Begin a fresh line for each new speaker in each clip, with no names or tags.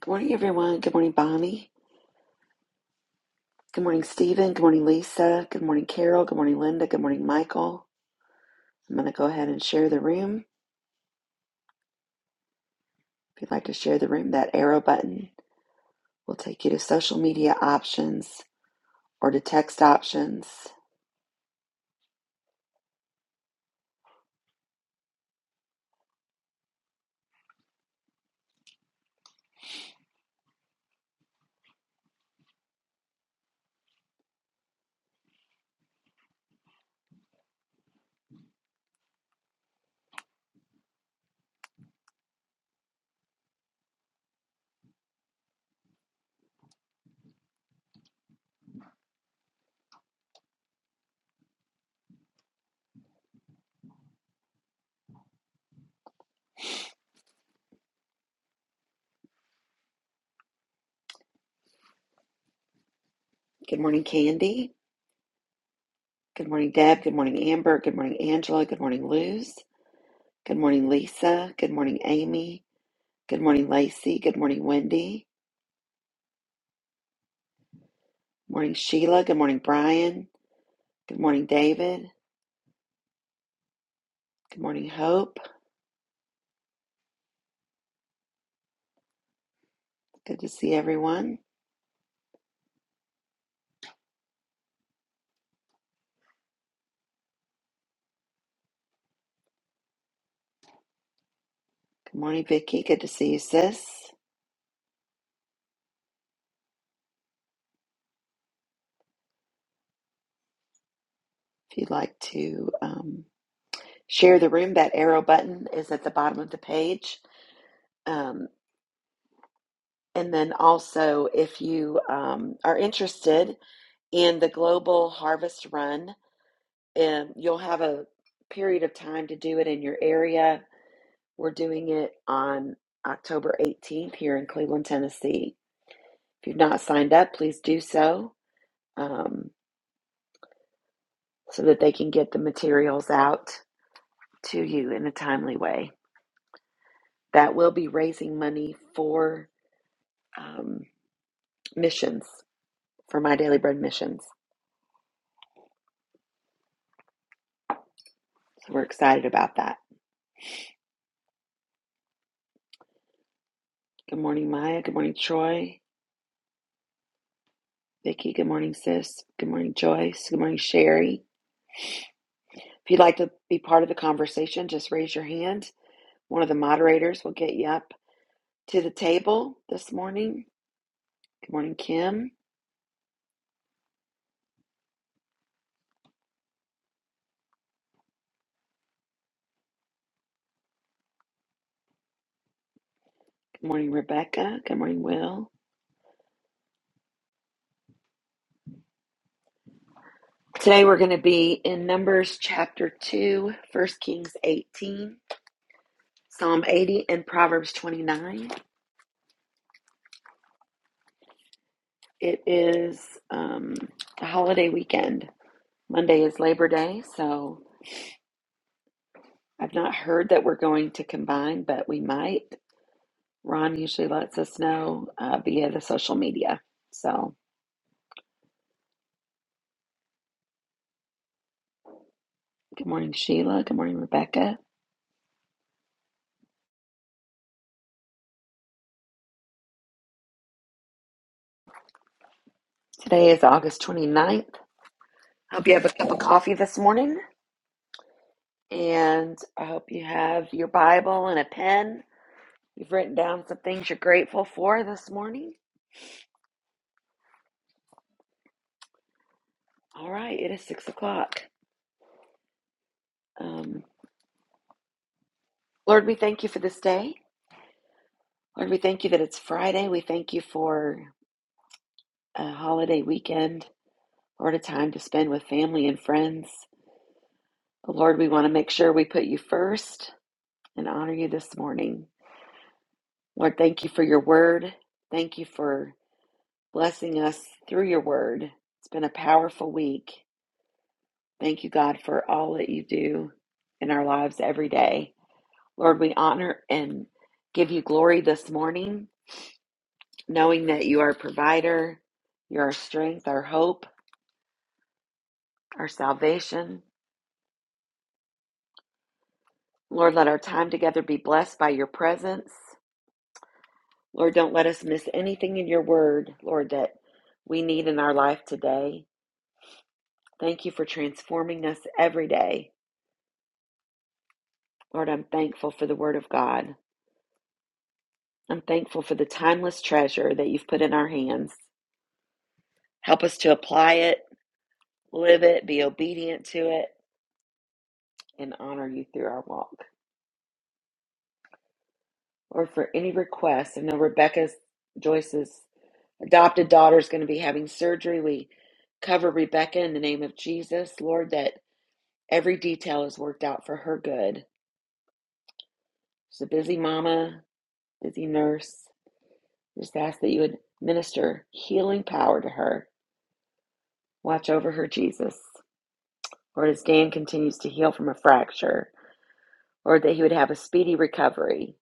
Good morning, everyone. Good morning, Bonnie. Good morning, Stephen. Good morning, Lisa. Good morning, Carol. Good morning, Linda. Good morning, Michael. I'm going to go ahead and share the room. If you'd like to share the room, that arrow button will take you to social media options or to text options. Good morning, Candy. Good morning, Deb. Good morning, Amber. Good morning, Angela. Good morning, Luz. Good morning, Lisa. Good morning, Amy. Good morning, Lacey. Good morning, Wendy. Good morning, Sheila. Good morning, Brian. Good morning, David. Good morning, Hope. Good to see everyone. Good morning, Vicky. Good to see you, sis. If you'd like to um, share the room, that arrow button is at the bottom of the page. Um, and then also, if you um, are interested in the Global Harvest Run, um, you'll have a period of time to do it in your area. We're doing it on October 18th here in Cleveland, Tennessee. If you've not signed up, please do so um, so that they can get the materials out to you in a timely way. That will be raising money for um, missions, for My Daily Bread missions. So we're excited about that. Good morning, Maya. Good morning, Troy. Vicki, good morning, sis. Good morning, Joyce. Good morning, Sherry. If you'd like to be part of the conversation, just raise your hand. One of the moderators will get you up to the table this morning. Good morning, Kim. Good morning, Rebecca. Good morning, Will. Today we're going to be in Numbers chapter 2, First Kings 18. Psalm 80 and Proverbs 29. It is um, a holiday weekend. Monday is Labor Day, so I've not heard that we're going to combine, but we might. Ron usually lets us know uh, via the social media. So, good morning, Sheila. Good morning, Rebecca. Today is August 29th. Hope you have a cup of coffee this morning, and I hope you have your Bible and a pen. You've written down some things you're grateful for this morning. All right, it is six o'clock. Um, Lord, we thank you for this day. Lord, we thank you that it's Friday. We thank you for a holiday weekend, Lord, a time to spend with family and friends. Lord, we want to make sure we put you first and honor you this morning. Lord, thank you for your word. Thank you for blessing us through your word. It's been a powerful week. Thank you, God, for all that you do in our lives every day. Lord, we honor and give you glory this morning. knowing that you are a provider, you're our strength, our hope, our salvation. Lord, let our time together be blessed by your presence. Lord, don't let us miss anything in your word, Lord, that we need in our life today. Thank you for transforming us every day. Lord, I'm thankful for the word of God. I'm thankful for the timeless treasure that you've put in our hands. Help us to apply it, live it, be obedient to it, and honor you through our walk. Or for any requests. I know Rebecca Joyce's adopted daughter is going to be having surgery. We cover Rebecca in the name of Jesus, Lord, that every detail is worked out for her good. She's a busy mama, busy nurse. Just ask that you would minister healing power to her. Watch over her, Jesus. Lord, as Dan continues to heal from a fracture, Lord, that he would have a speedy recovery.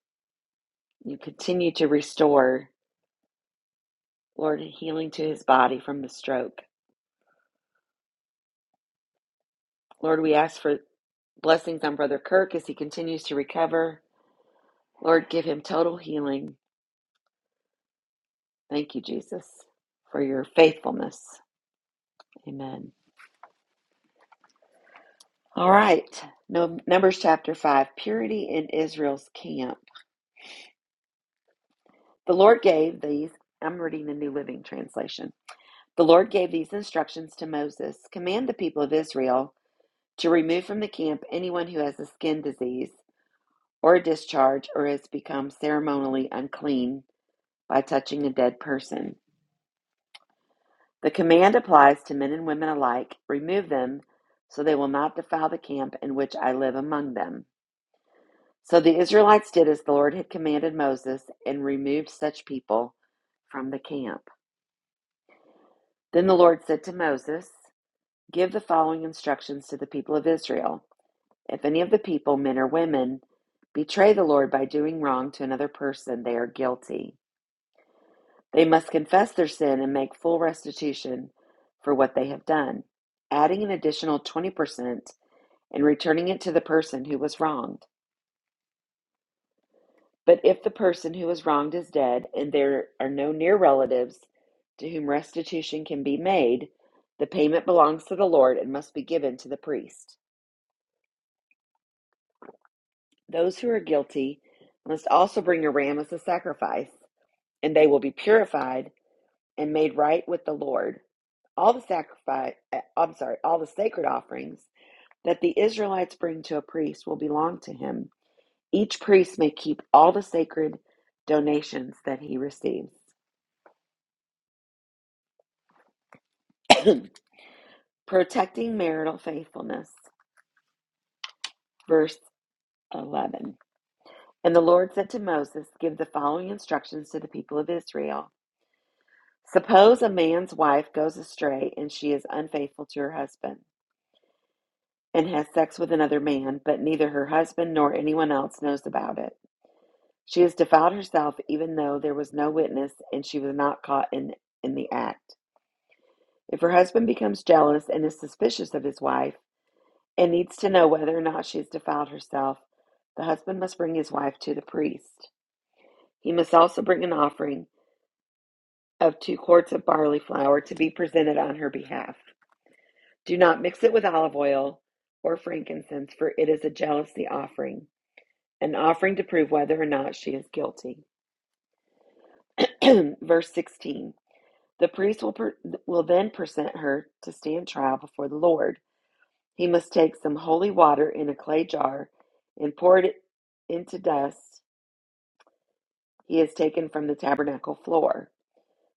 You continue to restore, Lord, healing to his body from the stroke. Lord, we ask for Blessings on Brother Kirk as he continues to recover. Lord, give him total healing. Thank you, Jesus, for your faithfulness. Amen. All right. No, Numbers chapter 5 Purity in Israel's camp. The Lord gave these, I'm reading the New Living Translation. The Lord gave these instructions to Moses Command the people of Israel to remove from the camp anyone who has a skin disease or a discharge or has become ceremonially unclean by touching a dead person. The command applies to men and women alike remove them so they will not defile the camp in which I live among them. So the Israelites did as the Lord had commanded Moses and removed such people from the camp. Then the Lord said to Moses, Give the following instructions to the people of Israel. If any of the people, men or women, betray the Lord by doing wrong to another person, they are guilty. They must confess their sin and make full restitution for what they have done, adding an additional 20% and returning it to the person who was wronged. But if the person who was wronged is dead and there are no near relatives to whom restitution can be made, the payment belongs to the Lord and must be given to the priest. Those who are guilty must also bring a ram as a sacrifice, and they will be purified and made right with the Lord. All the sacrifice, eh, I'm sorry, all the sacred offerings that the Israelites bring to a priest will belong to him Each priest may keep all the sacred donations that he receives. Protecting marital faithfulness. Verse 11. And the Lord said to Moses, Give the following instructions to the people of Israel. Suppose a man's wife goes astray and she is unfaithful to her husband and has sex with another man, but neither her husband nor anyone else knows about it. She has defiled herself even though there was no witness and she was not caught in, in the act. If her husband becomes jealous and is suspicious of his wife and needs to know whether or not she has defiled herself, the husband must bring his wife to the priest. He must also bring an offering of two quarts of barley flour to be presented on her behalf. Do not mix it with olive oil or frankincense, for it is a jealousy offering, an offering to prove whether or not she is guilty. Verse 16 The priest will, per- will then present her to stand trial before the Lord. He must take some holy water in a clay jar and pour it into dust he has taken from the tabernacle floor.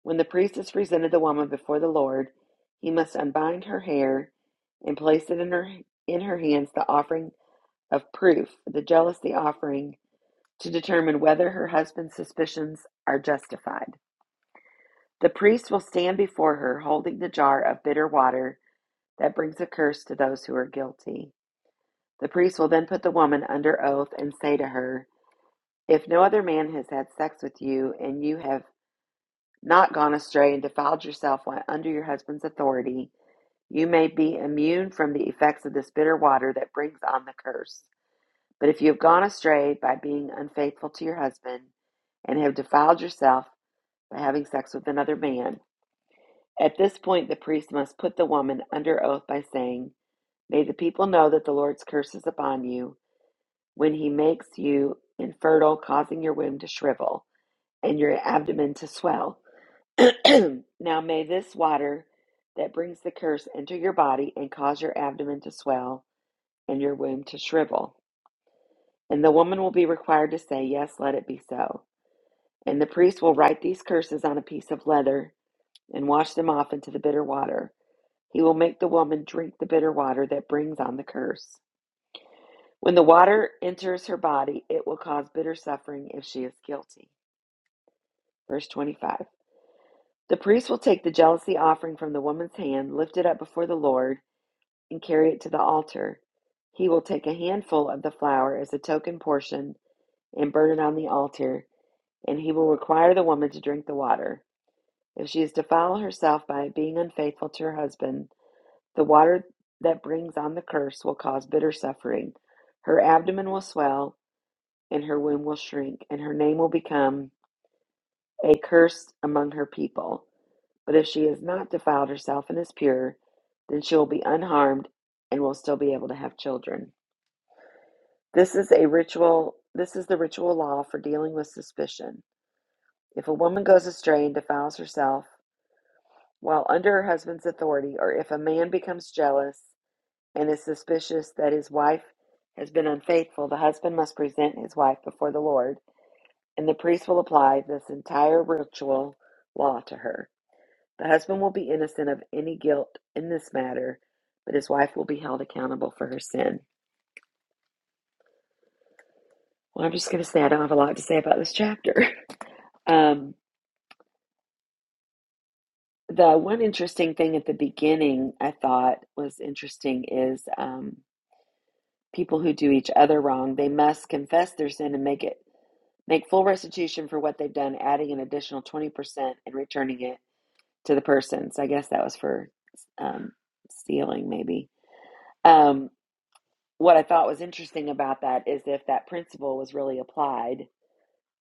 When the priest has presented the woman before the Lord, he must unbind her hair and place it in her in her hands the offering of proof, the jealousy offering, to determine whether her husband's suspicions are justified. The priest will stand before her holding the jar of bitter water that brings a curse to those who are guilty. The priest will then put the woman under oath and say to her, If no other man has had sex with you, and you have not gone astray and defiled yourself while under your husband's authority, you may be immune from the effects of this bitter water that brings on the curse. But if you have gone astray by being unfaithful to your husband, and have defiled yourself by having sex with another man, at this point the priest must put the woman under oath by saying, May the people know that the Lord's curse is upon you when he makes you infertile, causing your womb to shrivel and your abdomen to swell. now may this water that brings the curse enter your body and cause your abdomen to swell and your womb to shrivel. And the woman will be required to say, Yes, let it be so. And the priest will write these curses on a piece of leather and wash them off into the bitter water. He will make the woman drink the bitter water that brings on the curse. When the water enters her body, it will cause bitter suffering if she is guilty. Verse 25 The priest will take the jealousy offering from the woman's hand, lift it up before the Lord, and carry it to the altar. He will take a handful of the flour as a token portion and burn it on the altar, and he will require the woman to drink the water. If she is defiled herself by being unfaithful to her husband, the water that brings on the curse will cause bitter suffering. Her abdomen will swell, and her womb will shrink, and her name will become a curse among her people. But if she has not defiled herself and is pure, then she will be unharmed and will still be able to have children. This is a ritual this is the ritual law for dealing with suspicion. If a woman goes astray and defiles herself while under her husband's authority, or if a man becomes jealous and is suspicious that his wife has been unfaithful, the husband must present his wife before the Lord, and the priest will apply this entire ritual law to her. The husband will be innocent of any guilt in this matter, but his wife will be held accountable for her sin. Well, I'm just going to say I don't have a lot to say about this chapter. Um, the one interesting thing at the beginning I thought was interesting is um, people who do each other wrong, they must confess their sin and make it make full restitution for what they've done, adding an additional 20% and returning it to the person. So I guess that was for um, stealing, maybe. Um, what I thought was interesting about that is if that principle was really applied,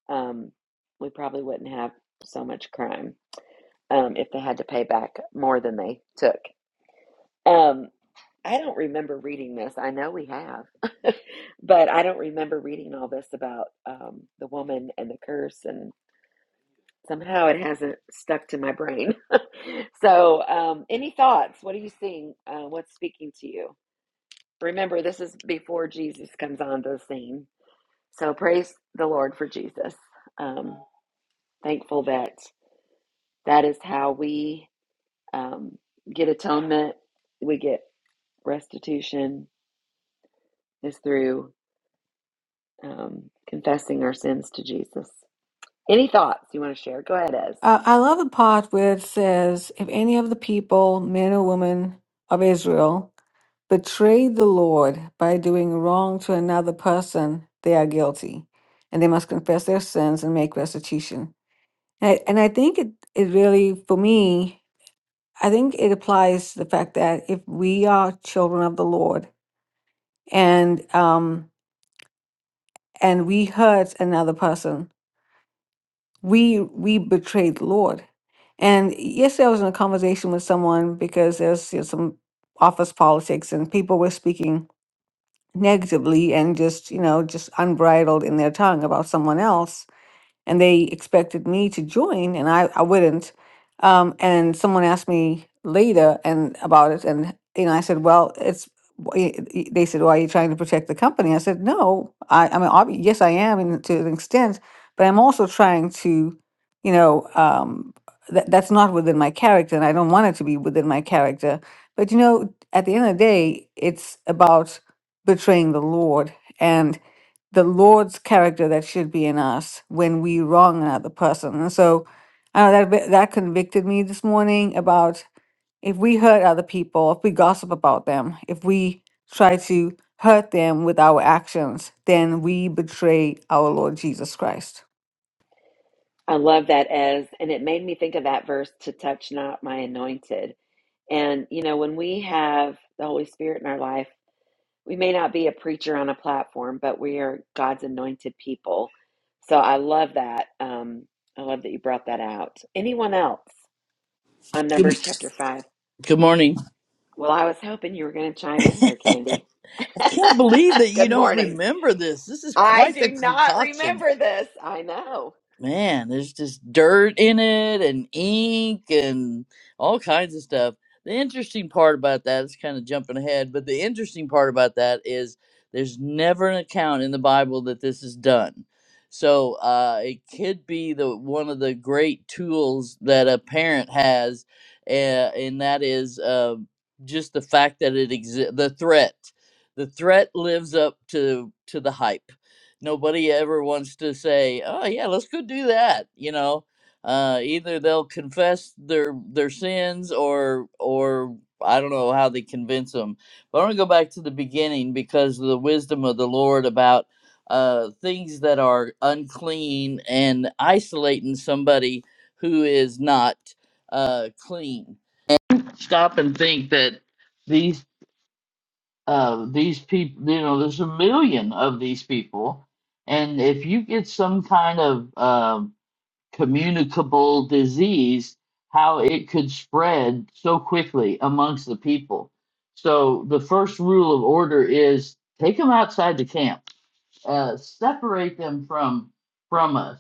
um, we probably wouldn't have so much crime um, if they had to pay back more than they took. Um, I don't remember reading this. I know we have, but I don't remember reading all this about um, the woman and the curse, and somehow it hasn't stuck to my brain. so, um, any thoughts? What are you seeing? Uh, what's speaking to you? Remember, this is before Jesus comes on the scene. So praise the Lord for Jesus. Um, thankful that that is how we um, get atonement. We get restitution is through um, confessing our sins to Jesus. Any thoughts you want to share? Go ahead, Ez.
Uh, I love the part where it says, If any of the people, men or women of Israel, betray the Lord by doing wrong to another person, they are guilty, and they must confess their sins and make restitution. And I, and I think it, it really, for me, I think it applies to the fact that if we are children of the Lord and um, and we hurt another person, we we betrayed the Lord. And yesterday I was in a conversation with someone because there's you know, some office politics and people were speaking negatively and just, you know, just unbridled in their tongue about someone else and they expected me to join and I, I wouldn't. Um, and someone asked me later and about it and you know I said, well, it's w- i- i- they said, well, are you trying to protect the company? I said, no, I, I mean, obvi- yes, I am in, to an extent, but I'm also trying to, you know, um, that, that's not within my character and I don't want it to be within my character. But, you know, at the end of the day, it's about betraying the Lord the Lord's character that should be in us when we wrong another person. And so uh, that bit- that convicted me this morning about if we hurt other people, if we gossip about them, if we try to hurt them with our actions, then we betray our Lord Jesus Christ.
I love that, Ez. And it made me think of that verse to touch not my anointed. And, you know, when we have the Holy Spirit in our life, we may not be a preacher on a platform, but we are God's anointed people. So I love that. Um, I love that you brought that out. Anyone else on
Good,
Numbers chapter 5?
good morning.
Well, I was hoping you were going to chime in here, Candy.
I can't believe that you
Good
don't
morning.
remember this. This is
I
quite
do
the
not
concoction.
remember this. I know.
man, there's just dirt in it and ink and all kinds of stuff. The interesting part about that is kind of jumping ahead, but the interesting part about that is there's never an account in the Bible that this is done. So uh, it could be the one of the great tools that a parent has, uh, and that is uh, just the fact that it exists. The threat, the threat lives up to to the hype nobody ever wants to say, "Oh yeah, let's go do that." You know, uh, either they'll confess their their sins, or or I don't know how they convince them. But I want to go back to the beginning because of the wisdom of the Lord about uh, things that are unclean and isolating somebody who is not uh, clean. Stop and think that. these uh, these people, you know, there's a million of these people, and if you get some kind of um, communicable disease, how it could spread so quickly amongst the people. So the first rule of order is take them outside the camp uh, separate them from from us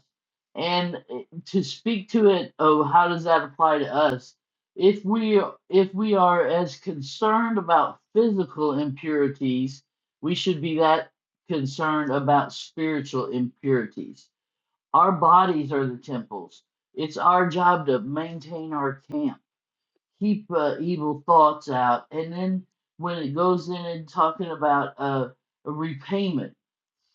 and uh, to speak to it oh how does that apply to us if we if we are as concerned about physical impurities we should be that concerned about spiritual impurities our bodies are the temples it's our job to maintain our camp keep uh, evil thoughts out and then when it goes in and talking about uh, repayment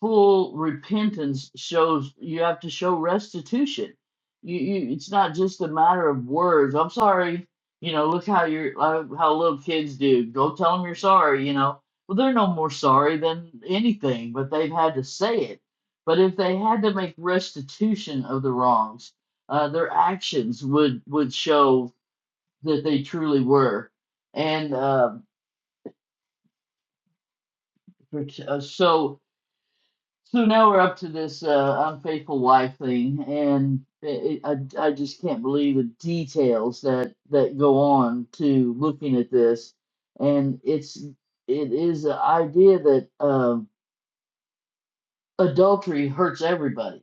full repentance shows you have to show restitution. You, you it's not just a matter of words. I'm sorry. You know, look how you're like how little kids do. Go tell them you're sorry. You know, well they're no more sorry than anything, but they've had to say it. But if they had to make restitution of the wrongs, uh, their actions would would show that they truly were. And uh, pret- uh, so So now we're up to this uh, unfaithful wife thing, and it, it, I I just can't believe the details that that go on to looking at this, and it's it is the idea that um adultery hurts everybody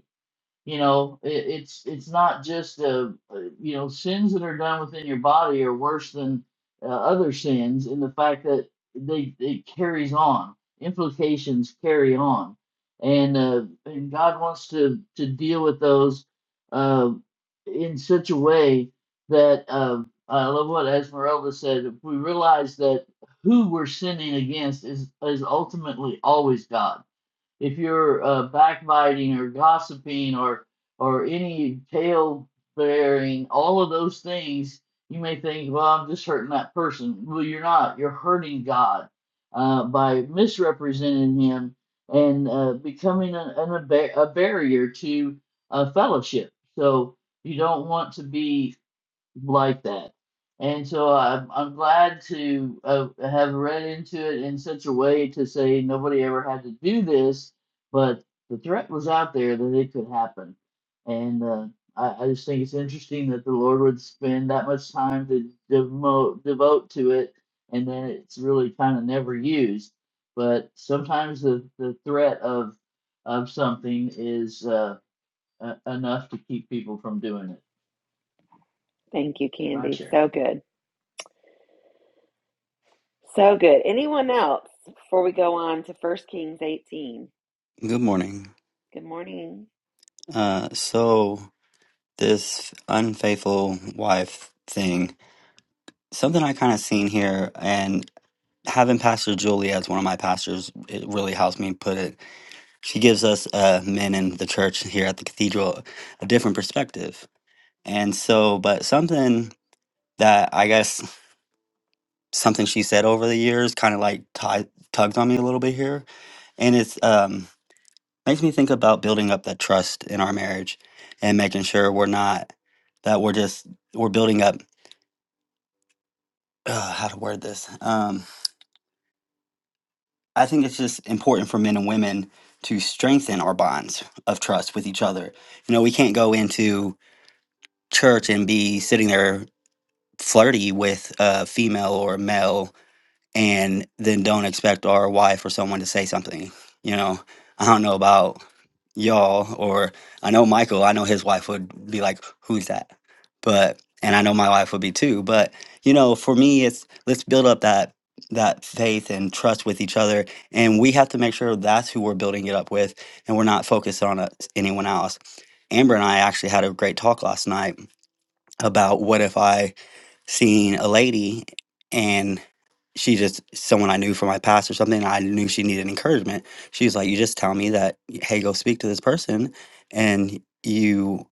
you know, it, it's it's not just the uh, you know sins that are done within your body are worse than uh, other sins in the fact that they it carries on implications carry on, and uh, and God wants to to deal with those uh, in such a way that uh, I love what Esmeralda said. If we realize that who we're sinning against is is ultimately always God if you're uh, backbiting or gossiping or or any tail bearing, all of those things, you may think, well, I'm just hurting that person. Well, you're not. You're hurting God uh, by misrepresenting Him and uh, becoming an, an, a, ba- a barrier to uh, fellowship. So you don't want to be like that. And so I'm, I'm glad to uh, have read into it in such a way to say nobody ever had to do this, but the threat was out there that it could happen. And uh, I, I just think it's interesting that the Lord would spend that much time to devote, devote to it, and then it's really kind of never used. But sometimes the, the threat of of something is uh, uh, enough to keep people from doing it.
Thank you,
My
Candy.
share.
So good. So good. Anyone else before we go on to First Kings 18?
Good morning.
Good morning.
Uh, so this unfaithful wife thing, something I kind of seen here, and having Pastor Julie as one of my pastors, it really helps me put it. She gives us uh, men in the church here at the cathedral a different perspective, and so, but something that I guess something she said over the years kind of like t- tugged on me a little bit here, and it's um makes me think about building up that trust in our marriage and making sure we're not that we're just we're building up uh, how to word this um, i think it's just important for men and women to strengthen our bonds of trust with each other you know we can't go into church and be sitting there flirty with a female or a male and then don't expect ROI for someone to say something. You know, I don't know about y'all, or I know Michael, I know his wife would be like, Who's that? But, and I know my wife would be too. But, you know, for me, it's let's build up that that faith and trust with each other and we have to make sure that's who we're building it up with and we're not focused on uh, anyone else amber and i actually had a great talk last night about what if i seen a lady and she just someone I knew from my past or something. and I knew she needed encouragement. She's like, you just tell me that, hey, go speak to this person, and you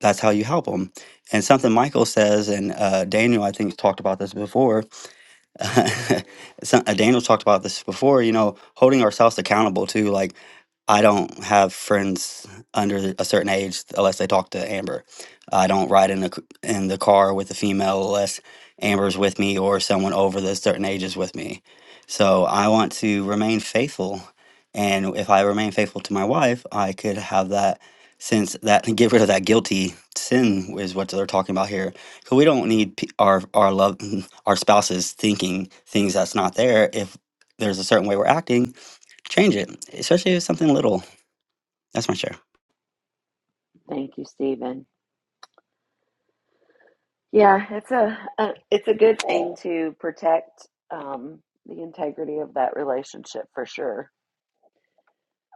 that's how you help them. And something Michael says, and uh, Daniel I think talked about this before Some- uh, Daniel talked about this before, you know, holding ourselves accountable too. Like, I don't have friends under a certain age unless they talk to Amber. I don't ride in the c- in the car with a female unless Amber's with me or someone over the certain age is with me. So I want to remain faithful, and if I remain faithful to my wife, I could have that sense that get rid of that guilty sin is what they're talking about here so we don't need pe- our our love our spouses thinking things that's not there. If there's a certain way we're acting, change it, especially if it's something little. That's my share.
Thank you, Stephen. Yeah, it's a, a it's a good thing to protect um, the integrity of that relationship for sure.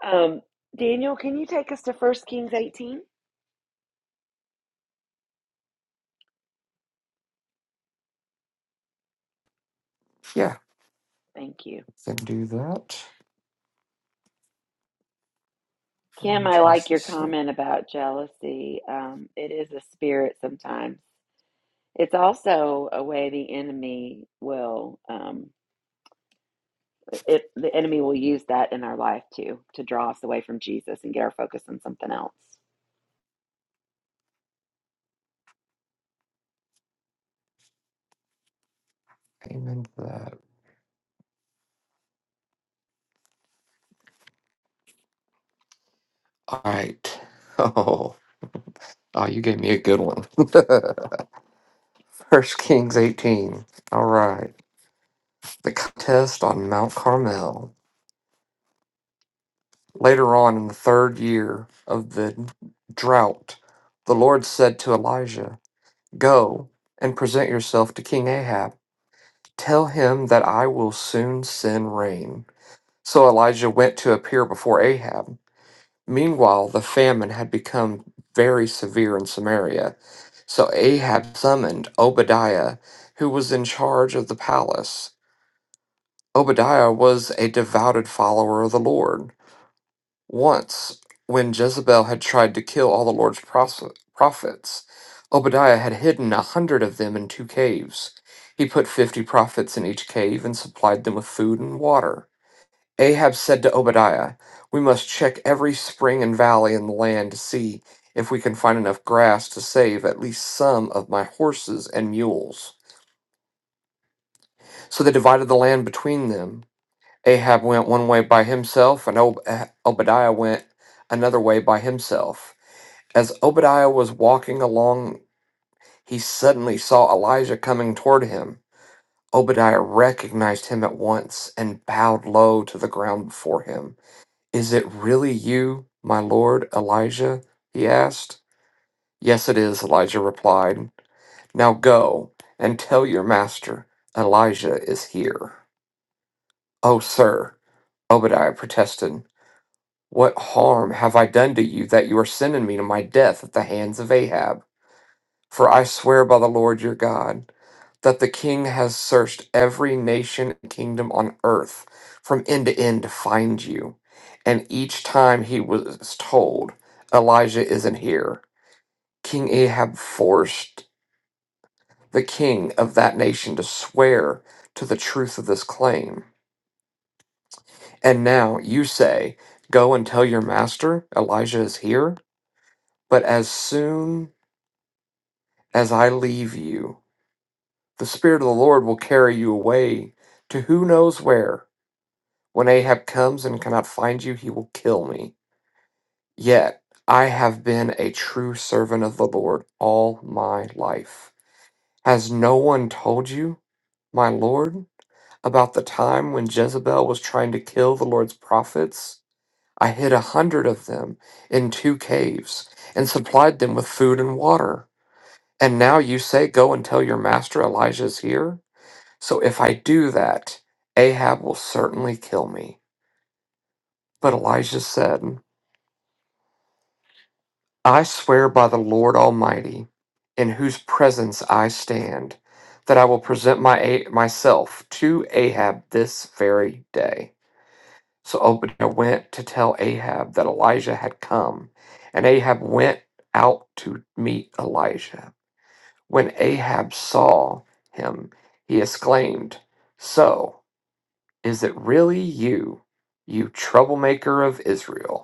Um, Daniel, can you take us to First Kings eighteen?
Yeah,
Thank you,
can do that. Give me
Kim. I like
just a
your
sec.
comment about jealousy. Um, it is a spirit sometimes. It's also a way the enemy will um, it the enemy will use that in our life too to draw us away from Jesus and get our focus on something else.
Amen that. All right. Oh, oh, you gave me a good one. First Kings 18. All right. The contest on Mount Carmel. Later on in the third year of the drought, the Lord said to Elijah, Go and present yourself to King Ahab. Tell him that I will soon send rain. So Elijah went to appear before Ahab. Meanwhile, the famine had become very severe in Samaria, so Ahab summoned Obadiah, who was in charge of the palace. Obadiah was a devoted follower of the Lord. Once, when Jezebel had tried to kill all the Lord's proph- prophets, Obadiah had hidden a hundred of them in two caves. He put fifty prophets in each cave and supplied them with food and water. Ahab said to Obadiah, We must check every spring and valley in the land to see if we can find enough grass to save at least some of my horses and mules. So they divided the land between them. Ahab went one way by himself, and Ob- Ah- Obadiah went another way by himself. As Obadiah was walking along, he suddenly saw Elijah coming toward him. Obadiah recognized him at once and bowed low to the ground before him. Is it really you, my lord Elijah? he asked. Yes, it is, Elijah replied. Now go and tell your master Elijah is here. Oh, sir, Obadiah protested. What harm have I done to you that you are sending me to my death at the hands of Ahab? For I swear by the Lord your God. that the king has searched every nation and kingdom on earth from end to end to find you. And each time he was told, Elijah isn't here, King Ahab forced the king of that nation to swear to the truth of this claim. And now you say, Go and tell your master Elijah is here. But as soon as I leave you, the Spirit of the Lord will carry you away to who knows where When Ahab comes and cannot find you, he will kill me. Yet I have been a true servant of the Lord all my life. Has no one told you, my Lord, about the time when Jezebel was trying to kill the Lord's prophets? I hid a hundred of them in two caves and supplied them with food and water. And now you say, Go and tell your master Elijah is here? So if I do that, Ahab will certainly kill me. But Elijah said, I swear by the Lord Almighty, in whose presence I stand, that I will present my A- myself to Ahab this very day. So Obadiah went to tell Ahab that Elijah had come, and Ahab went out to meet Elijah. When Ahab saw him, he exclaimed, So is it really you, you troublemaker of Israel?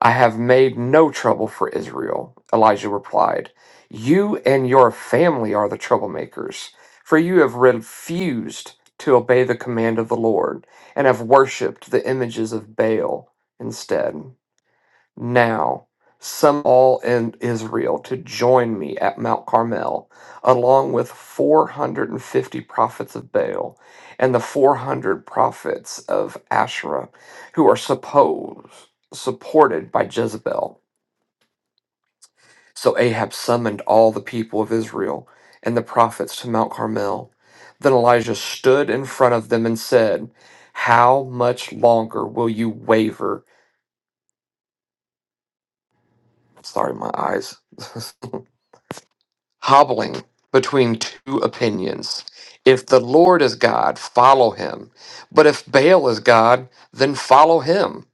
I have made no trouble for Israel. Elijah replied, You and your family are the troublemakers, for you have refused to obey the command of the Lord and have worshipped the images of Baal instead now some all in Israel to join me at Mount Carmel, along with 450 prophets of Baal and the 400 prophets of Asherah, who are supposed supported by Jezebel. So Ahab summoned all the people of Israel and the prophets to Mount Carmel. Then Elijah stood in front of them and said, How much longer will you waver? Sorry, my eyes. hobbling between two opinions. If the Lord is God, follow him. But if Baal is God, then follow him.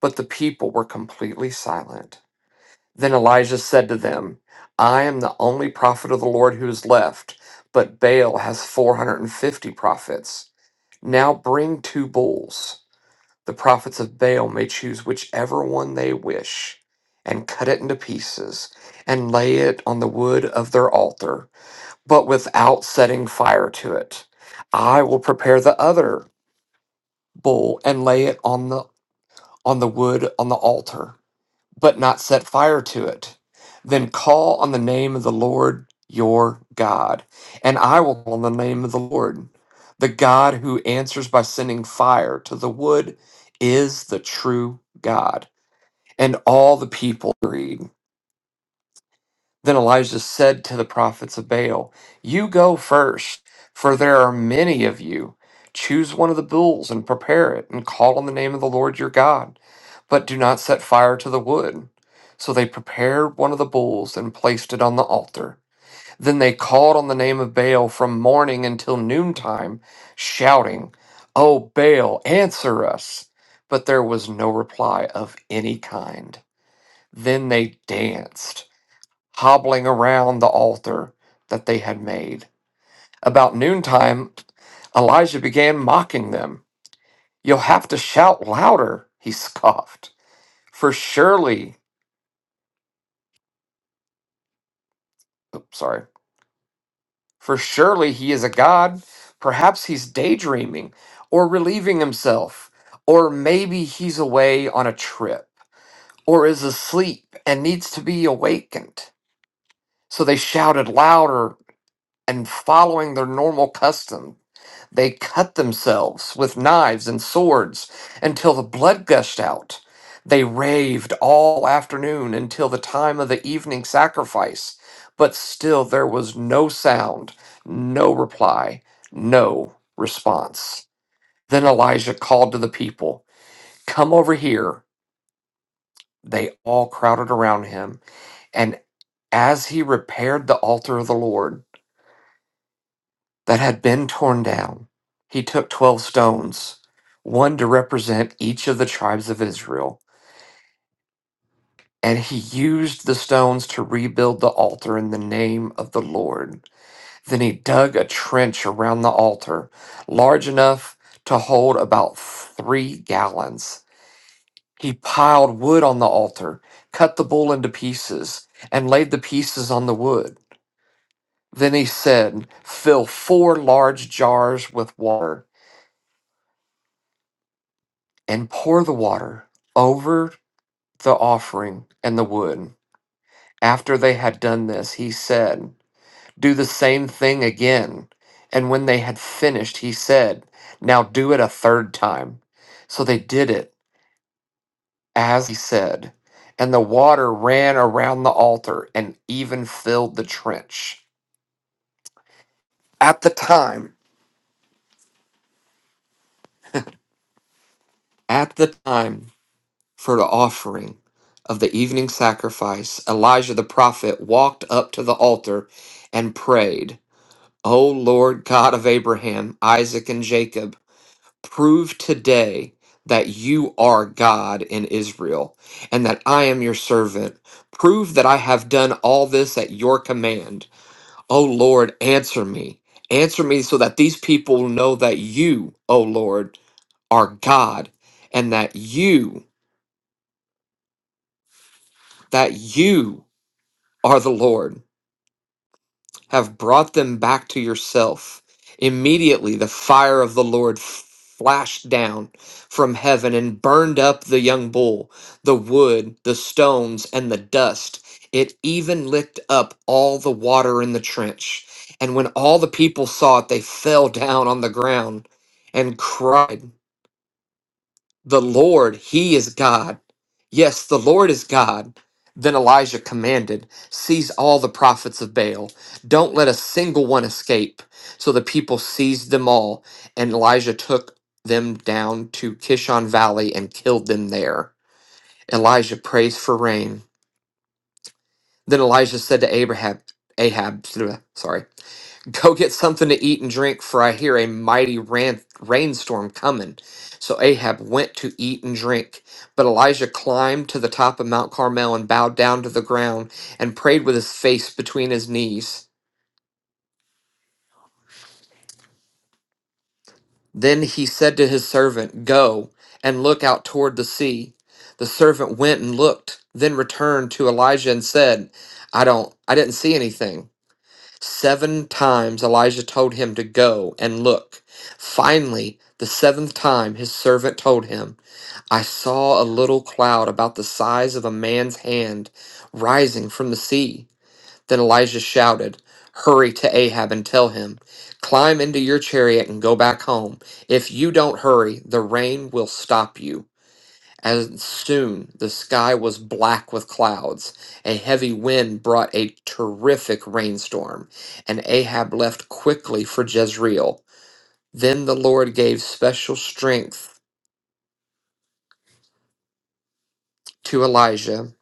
But the people were completely silent. Then Elijah said to them, I am the only prophet of the Lord who is left, but Baal has 450 prophets. Now bring two bulls. The prophets of Baal may choose whichever one they wish, and cut it into pieces, and lay it on the wood of their altar but without setting fire to it. I will prepare the other bull and lay it on the on the wood on the altar, but not set fire to it. Then call on the name of the Lord your God, and I will call on the name of the Lord. The God who answers by sending fire to the wood is the true God. And all the people agreed. Then Elijah said to the prophets of Baal, You go first, for there are many of you. Choose one of the bulls and prepare it, and call on the name of the Lord your God, but do not set fire to the wood. So they prepared one of the bulls and placed it on the altar. Then they called on the name of Baal from morning until noontime, shouting, O Baal, answer us! But there was no reply of any kind. Then they danced hobbling around the altar that they had made. About noontime, Elijah began mocking them. You'll have to shout louder, he scoffed. For surely, oops, sorry, for surely he is a god. Perhaps he's daydreaming or relieving himself, or maybe he's away on a trip or is asleep and needs to be awakened. So they shouted louder and following their normal custom. They cut themselves with knives and swords until the blood gushed out. They raved all afternoon until the time of the evening sacrifice, but still there was no sound, no reply, no response. Then Elijah called to the people, Come over here. They all crowded around him, and as he repaired the altar of the Lord, that had been torn down. He took 12 stones, one to represent each of the tribes of Israel, and he used the stones to rebuild the altar in the name of the Lord. Then he dug a trench around the altar, large enough to hold about three gallons. He piled wood on the altar, cut the bull into pieces, and laid the pieces on the wood. Then he said, Fill four large jars with water and pour the water over the offering and the wood. After they had done this, he said, Do the same thing again. And when they had finished, he said, Now do it a third time. So they did it as he said, and the water ran around the altar and even filled the trench. At the time, at the time, for the offering of the evening sacrifice, Elijah the prophet walked up to the altar and prayed, O Lord God of Abraham, Isaac, and Jacob, prove today that you are God in Israel and that I am your servant. Prove that I have done all this at your command. O Lord, answer me. Answer me so that these people know that you, O Lord, are God and that you, that you are the Lord, have brought them back to yourself. Immediately the fire of the Lord flashed down from heaven and burned up the young bull, the wood, the stones, and the dust. It even licked up all the water in the trench. And when all the people saw it, they fell down on the ground and cried the Lord, He is God. Yes, the Lord is God. Then Elijah commanded, Seize all the prophets of Baal. Don't let a single one escape. So the people seized them all, and Elijah took them down to Kishon Valley and killed them there. Elijah prays for rain. Then Elijah said to Abraham, Ahab, sorry, Go get something to eat and drink, for I hear a mighty ran- rainstorm coming. So Ahab went to eat and drink. But Elijah climbed to the top of Mount Carmel and bowed down to the ground and prayed with his face between his knees. Then he said to his servant, Go and look out toward the sea. The servant went and looked, then returned to Elijah and said, I don't, I didn't see anything. Seven times Elijah told him to go and look. Finally, the seventh time, his servant told him, I saw a little cloud about the size of a man's hand rising from the sea. Then Elijah shouted, Hurry to Ahab and tell him, Climb into your chariot and go back home. If you don't hurry, the rain will stop you. And soon the sky was black with clouds. A heavy wind brought a terrific rainstorm, and Ahab left quickly for Jezreel. Then the Lord gave special strength to Elijah.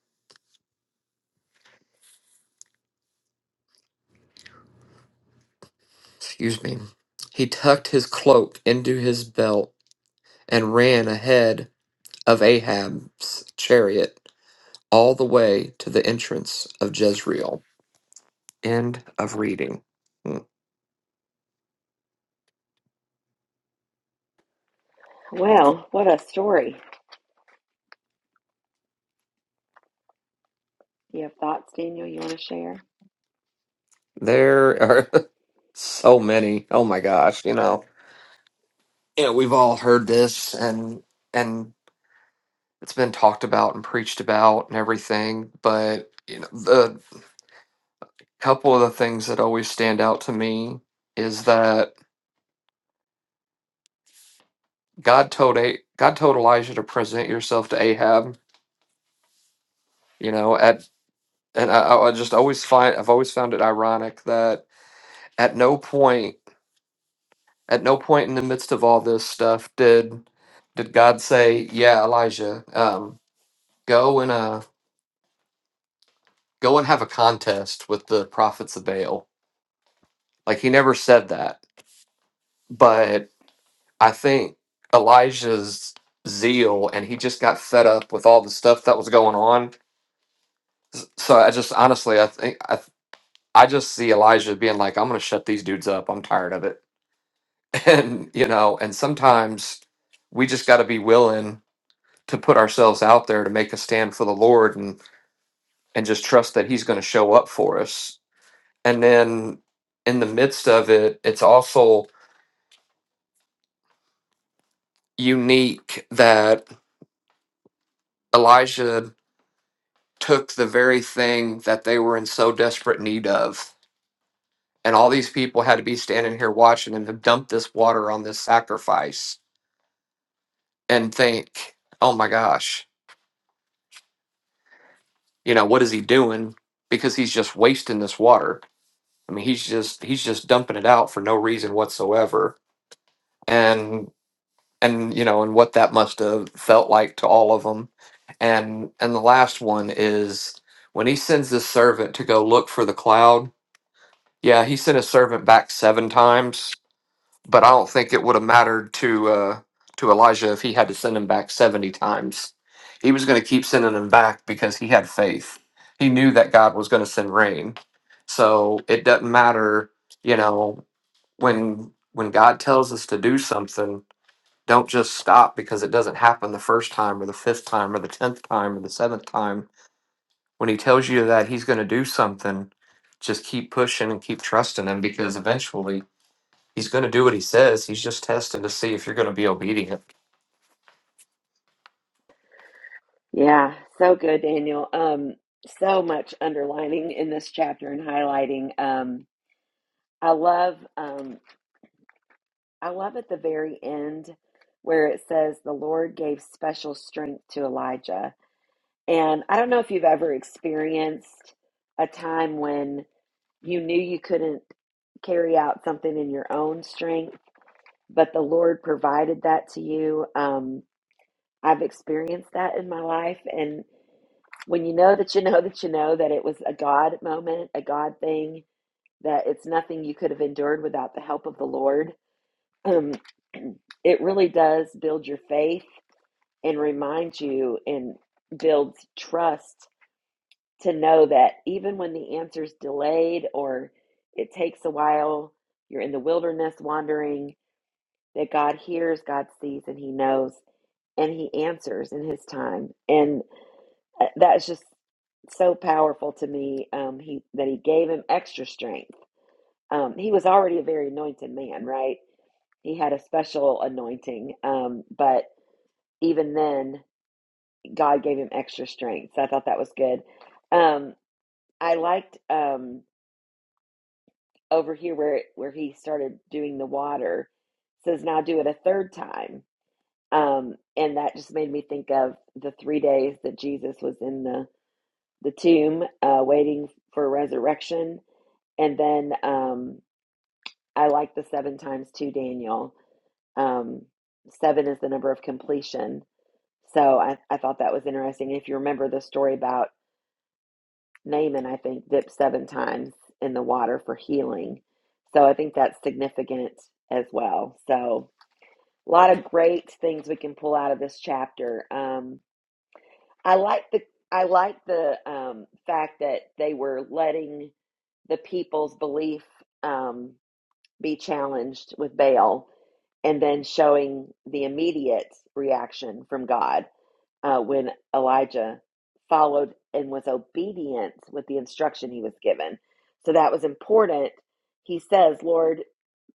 Excuse me. He tucked his cloak into his belt and ran ahead of Ahab's chariot all the way to the entrance of Jezreel. End of reading. Hmm.
Well, what a story. Do You have thoughts, Daniel, you want to share?
There are. So many. Oh my gosh, you know. Yeah, we've all heard this and and it's been talked about and preached about and everything, but you know, the couple of the things that always stand out to me is that God told A- God told Elijah to present yourself to Ahab, you know, at and I, I I just always find I've always found it ironic that at no point at no point in the midst of all this stuff did did God say, "Yeah, Elijah, um, go and uh Go and have a contest with the prophets of Baal. Like he never said that, but I think Elijah's zeal and he just got fed up with all the stuff that was going on. So I just honestly, I think I I just see Elijah being like, I'm gonna shut these dudes up. I'm tired of it, and you know, and sometimes we just got to be willing to put ourselves out there to make a stand for the Lord and and just trust that He's going to show up for us. And then in the midst of it, it's also unique that Elijah took the very thing that they were in so desperate need of. And all these people had to be standing here watching him dump this water on this sacrifice and think, oh my gosh, you know, what is he doing? Because he's just wasting this water. I mean, he's just he's just dumping it out for no reason whatsoever. And and you know and what that must have felt like to all of them and and the last one is when he sends his servant to go look for the cloud yeah he sent his servant back seven times but i don't think it would have mattered to uh to elijah if he had to send him back 70 times he was going to keep sending him back because he had faith he knew that god was going to send rain so it doesn't matter you know when when god tells us to do something don't just stop because it doesn't happen the first time or the fifth time or the tenth time or the seventh time. When he tells you that he's going to do something, just keep pushing and keep trusting him because eventually he's going to do what he says. He's just testing to see if you're going to be obedient.
Yeah, so good, Daniel. Um, so much underlining in this chapter and highlighting. Um, I love, um, I love at the very end where it says the Lord gave special strength to Elijah. And I don't know if you've ever experienced a time when you knew you couldn't carry out something in your own strength, but the Lord provided that to you. Um, I've experienced that in my life, and when you know that you know that you know that it was a God moment, a God thing, that it's nothing you could have endured without the help of the Lord, um, it really does build your faith and remind you and builds trust to know that even when the answer's delayed or it takes a while, you're in the wilderness wandering, that God hears, God sees, and He knows, and He answers in His time. and. Uh, That's just so powerful to me. Um, he that he gave him extra strength. Um, he was already a very anointed man, right? He had a special anointing, um, but even then, God gave him extra strength. So I thought that was good. Um, I liked um, over here where where he started doing the water. It says now do it a third time, um, and that just made me think of the three days that Jesus was in the the tomb, uh, waiting for resurrection And then um, I like the seven times two, Daniel. Um, seven is the number of completion. So I, I thought that was interesting. If you remember the story about Naaman, I think, dipped seven times in the water for healing. So I think that's significant as well. So a lot of great things we can pull out of this chapter. Um, I like the I like the um, fact that they were letting the people's belief. Um, be challenged with Baal and then showing the immediate reaction from God uh, when Elijah followed and was obedient with the instruction he was given. So that was important. He says, Lord,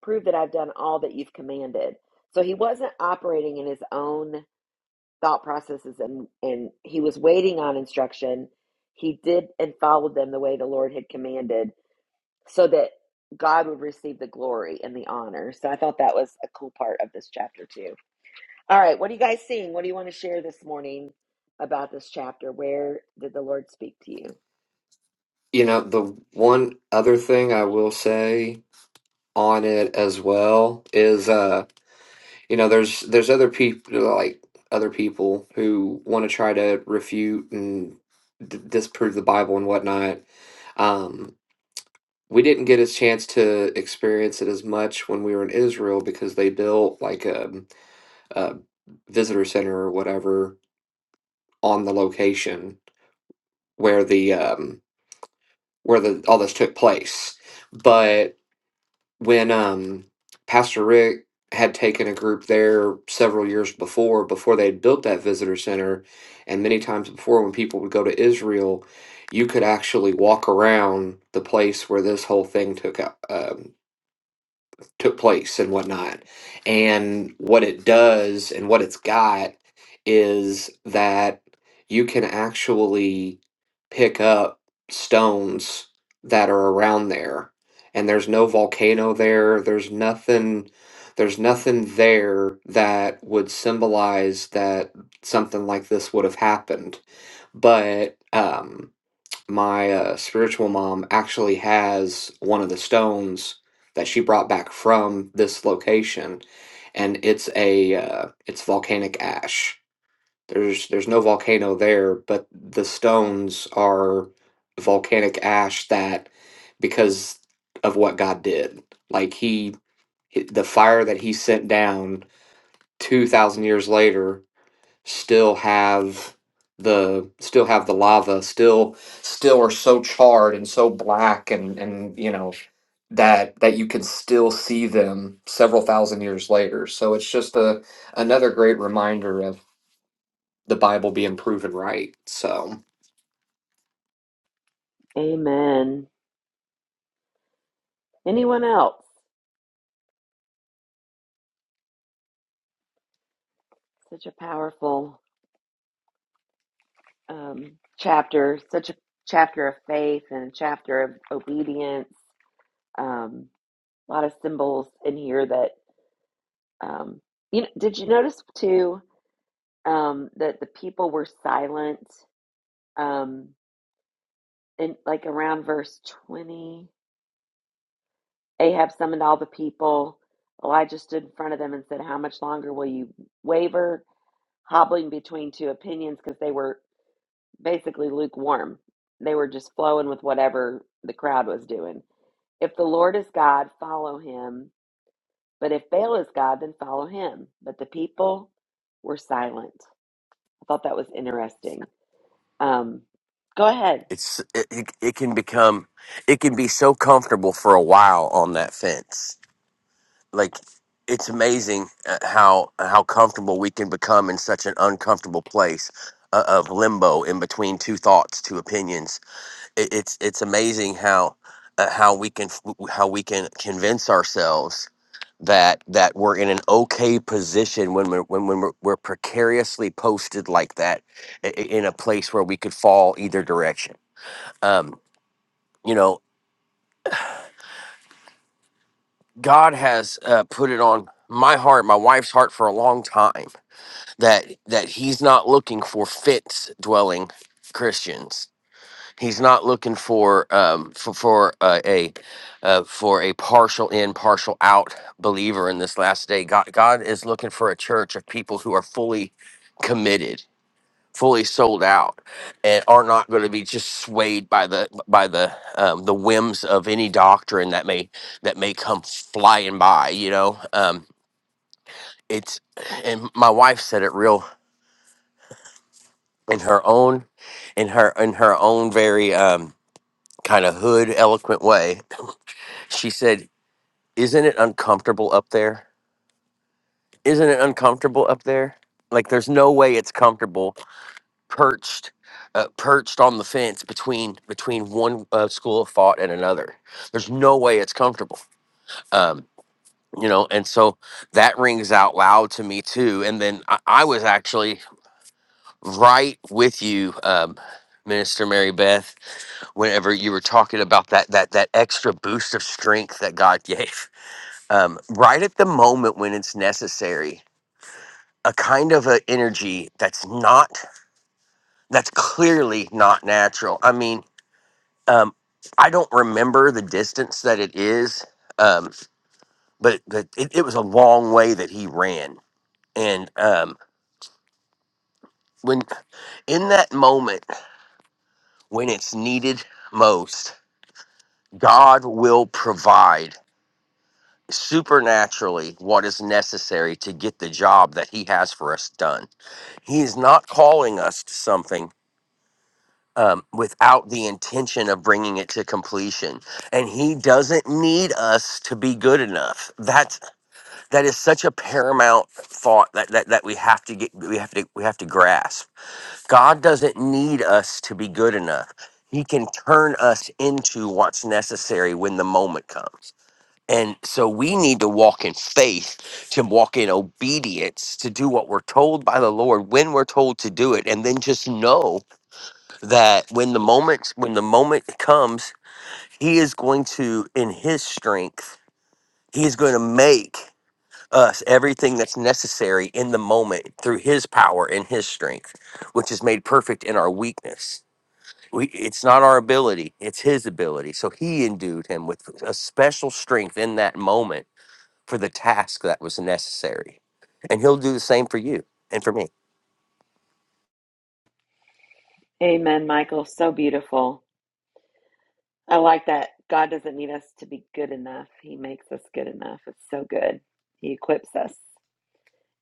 prove that I've done all that you've commanded. So he wasn't operating in his own thought processes and, and he was waiting on instruction. He did and followed them the way the Lord had commanded so that God would receive the glory and the honor. So I thought that was a cool part of this chapter too. All right, what are you guys seeing? What do you want to share this morning about this chapter? Where did the Lord speak to you?
You know, the one other thing I will say on it as well is uh you know there's there's other people like other people who want to try to refute and d- disprove the bible and whatnot um we didn't get a chance to experience it as much when we were in Israel because they built like a, a visitor center or whatever on the location where the um, where the all this took place. But when um, Pastor Rick had taken a group there several years before, before they had built that visitor center, and many times before when people would go to Israel, you could actually walk around the place where this whole thing took up took place and whatnot. And what it does and what it's got is that you can actually pick up stones that are around there. And there's no volcano there. There's nothing there's nothing there that would symbolize that something like this would have happened. But um my uh, spiritual mom actually has one of the stones that she brought back from this location, and it's a uh, it's volcanic ash. There's there's no volcano there, but the stones are volcanic ash that because of what God did, like he he- the fire that he sent down two thousand years later still have the still have the lava still still are so charred and so black and and you know that that you can still see them several thousand years later so it's just a another great reminder of the bible being proven right so
Amen. Anyone else? Such a powerful um, chapter, such a chapter of faith and a chapter of obedience. Um, a lot of symbols in here that um, you know, did you notice too um, that the people were silent? Um, in like around verse 20 ahab summoned all the people elijah stood in front of them and said how much longer will you waver hobbling between two opinions because they were basically lukewarm they were just flowing with whatever the crowd was doing if the lord is god follow him but if baal is god then follow him but the people were silent i thought that was interesting um, go ahead
It's it, it it can become it can be so comfortable for a while on that fence. Like it's amazing uh, how how comfortable we can become in such an uncomfortable place uh, of limbo in between two thoughts, two opinions. It, it's it's amazing how uh, how we can how we can convince ourselves that that we're in an okay position when we're when, when we're, we're precariously posted like that i- i- in a place where we could fall either direction Um, you know, God has uh, put it on my heart, my wife's heart for a long time that that he's not looking for fence dwelling Christians. He's not looking for um for, for uh, a uh, for a partial in, partial out believer in this last day. God God is looking for a church of people who are fully committed fully sold out and are not going to be just swayed by the by the um, the whims of any doctrine that may that may come flying by you know um it's and my wife said it real in her own in her in her own very um kind of hood eloquent way she said isn't it uncomfortable up there isn't it uncomfortable up there like there's no way it's comfortable perched uh, perched on the fence between between one uh, school of thought and another there's no way it's comfortable um you know and so that rings out loud to me too and then i, I was actually right with you um Minister Mary Beth, whenever you were talking about that that that extra boost of strength that God gave, um, right at the moment when it's necessary, a kind of an energy that's not that's clearly not natural. I mean, Um, I don't remember the distance that it is, um, but the, it, it was a long way that he ran. And um, when in that moment when it's needed most, God will provide supernaturally what is necessary to get the job that He has for us done. He is not calling us to something. Um, without the intention of bringing it to completion. And he doesn't need us to be good enough. That's that is such a paramount thought that, that that we have to get we have to we have to grasp god doesn't need us to be good enough he can turn us into what's necessary when the moment comes and so we need to walk in faith to walk in obedience to do what we're told by the lord when we're told to do it and then just know that when the moment when the moment comes he is going to in his strength he is going to make us everything that's necessary in the moment through his power and his strength which is made perfect in our weakness we, it's not our ability it's his ability so he endued him with a special strength in that moment for the task that was necessary and he'll do the same for you and for me
amen michael so beautiful I like that. God doesn't need us to be good enough. He makes us good enough. It's so good. He equips us.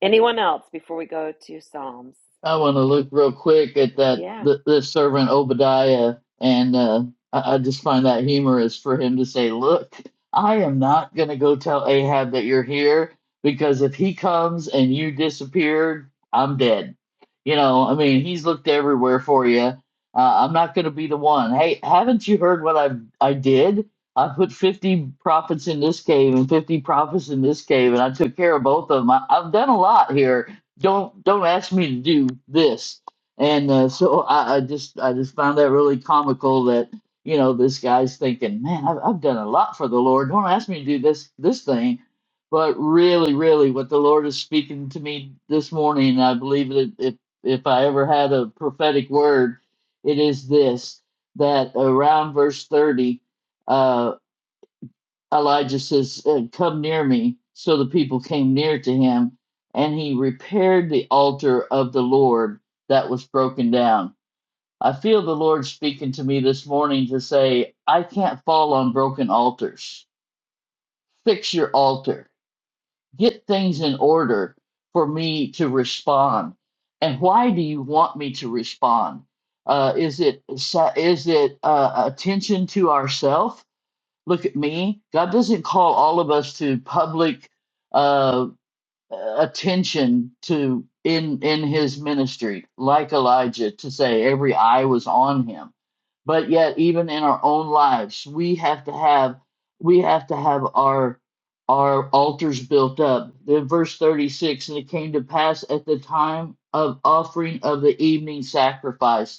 Anyone else before we go to Psalms?
I want to look real quick at that
Yeah.
th- this servant Obadiah, and uh, I-, I just find that humorous for him to say, "Look, I am not going to go tell Ahab that you're here because if he comes and you disappeared, I'm dead." You know, I mean, he's looked everywhere for you. Uh, I'm not going to be the one. Hey, haven't you heard what I I did? I put 50 prophets in this cave and 50 prophets in this cave, and I took care of both of them. I, I've done a lot here don't don't ask me to do this and uh, so I, I just i just found that really comical that you know this guy's thinking man I've, I've done a lot for the lord don't ask me to do this this thing but really really what the lord is speaking to me this morning i believe that if if i ever had a prophetic word it is this that around verse 30 uh, Elijah says, uh, Come near me. So the people came near to him, and he repaired the altar of the Lord that was broken down. I feel the Lord speaking to me this morning to say, I can't fall on broken altars. Fix your altar, get things in order for me to respond. And why do you want me to respond? Uh, is it is it uh, attention to ourself? look at me. God doesn't call all of us to public uh, attention to in in His ministry, like Elijah, to say every eye was on him. But yet, even in our own lives, we have to have we have to have our our altars built up. Then, verse thirty six, and it came to pass at the time of offering of the evening sacrifice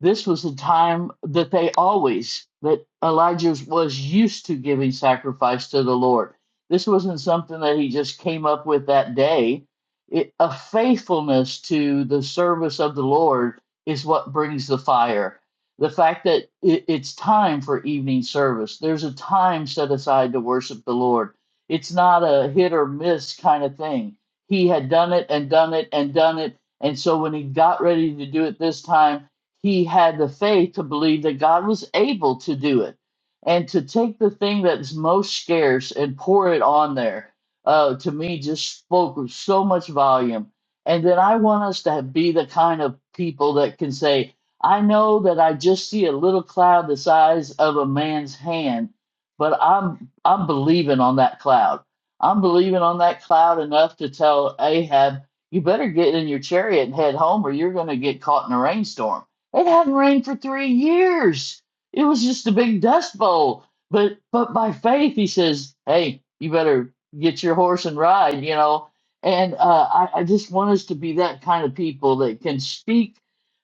this was the time that they always, that Elijah was used to giving sacrifice to the Lord. This wasn't something that he just came up with that day. It, a faithfulness to the service of the Lord is what brings the fire. The fact that it, it's time for evening service, there's a time set aside to worship the Lord. It's not a hit or miss kind of thing. He had done it and done it and done it. And so when he got ready to do it this time, he had the faith to believe that God was able to do it and to take the thing that's most scarce and pour it on there. Uh, to me, just spoke with so much volume. And then I want us to be the kind of people that can say, I know that I just see a little cloud the size of a man's hand, but I'm I'm believing on that cloud. I'm believing on that cloud enough to tell Ahab, you better get in your chariot and head home or you're going to get caught in a rainstorm it hadn't rained for three years. It was just a big dust bowl. But but by faith, he says, "Hey, you better get your horse and ride," you know. And uh, I, I just want us to be that kind of people that can speak.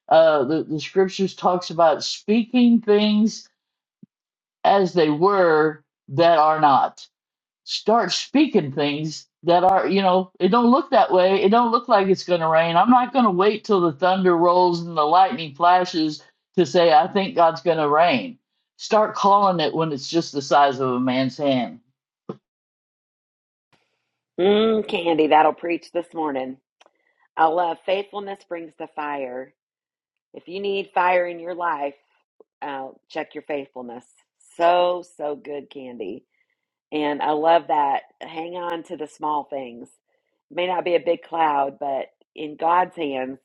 Uh, the the scriptures talks about speaking things as they were that are not start speaking things that are you know it don't look that way it don't look like it's going to rain i'm not going to wait till the thunder rolls and the lightning flashes to say i think god's going to rain start calling it when it's just the size of a man's hand
Mm, Candy, that'll preach this morning. I love faithfulness brings the fire. If you need fire in your life, uh, check your faithfulness. So, so good, Candy. And I love that. Hang on to the small things. May not be a big cloud, but in God's hands,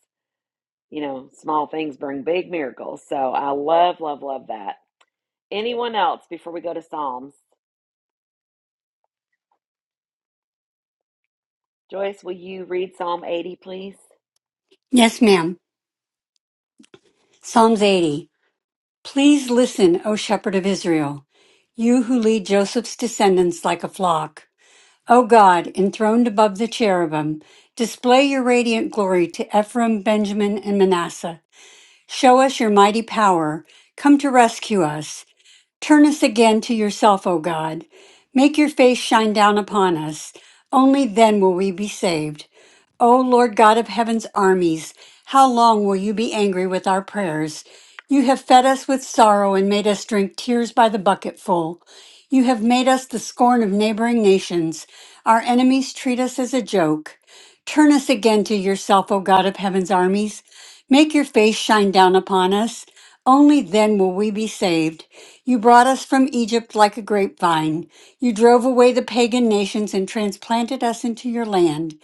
you know, small things bring big miracles. So I love, love, love that. Anyone else before we go to Psalms? Joyce, will you read Psalm 80, please?
Yes, ma'am. Psalms 80. Please listen, O shepherd of Israel, you who lead Joseph's descendants like a flock. O God, enthroned above the cherubim, display your radiant glory to Ephraim, Benjamin, and Manasseh. Show us your mighty power. Come to rescue us. Turn us again to yourself, O God. Make your face shine down upon us. Only then will we be saved. O Lord God of heaven's armies, how long will you be angry with our prayers? You have fed us with sorrow and made us drink tears by the bucketful. You have made us the scorn of neighboring nations. Our enemies treat us as a joke. Turn us again to yourself, O God of heaven's armies. Make your face shine down upon us. Only then will we be saved. You brought us from Egypt like a grapevine. You drove away the pagan nations and transplanted us into your land.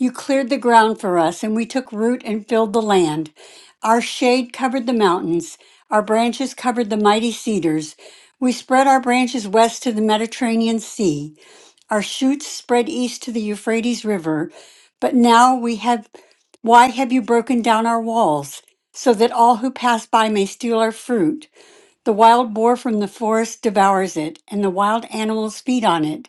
You cleared the ground for us, and we took root and filled the land. Our shade covered the mountains, our branches covered the mighty cedars. We spread our branches west to the Mediterranean Sea, our shoots spread east to the Euphrates River. But now we have, why have you broken down our walls, so that all who pass by may steal our fruit? The wild boar from the forest devours it, and the wild animals feed on it.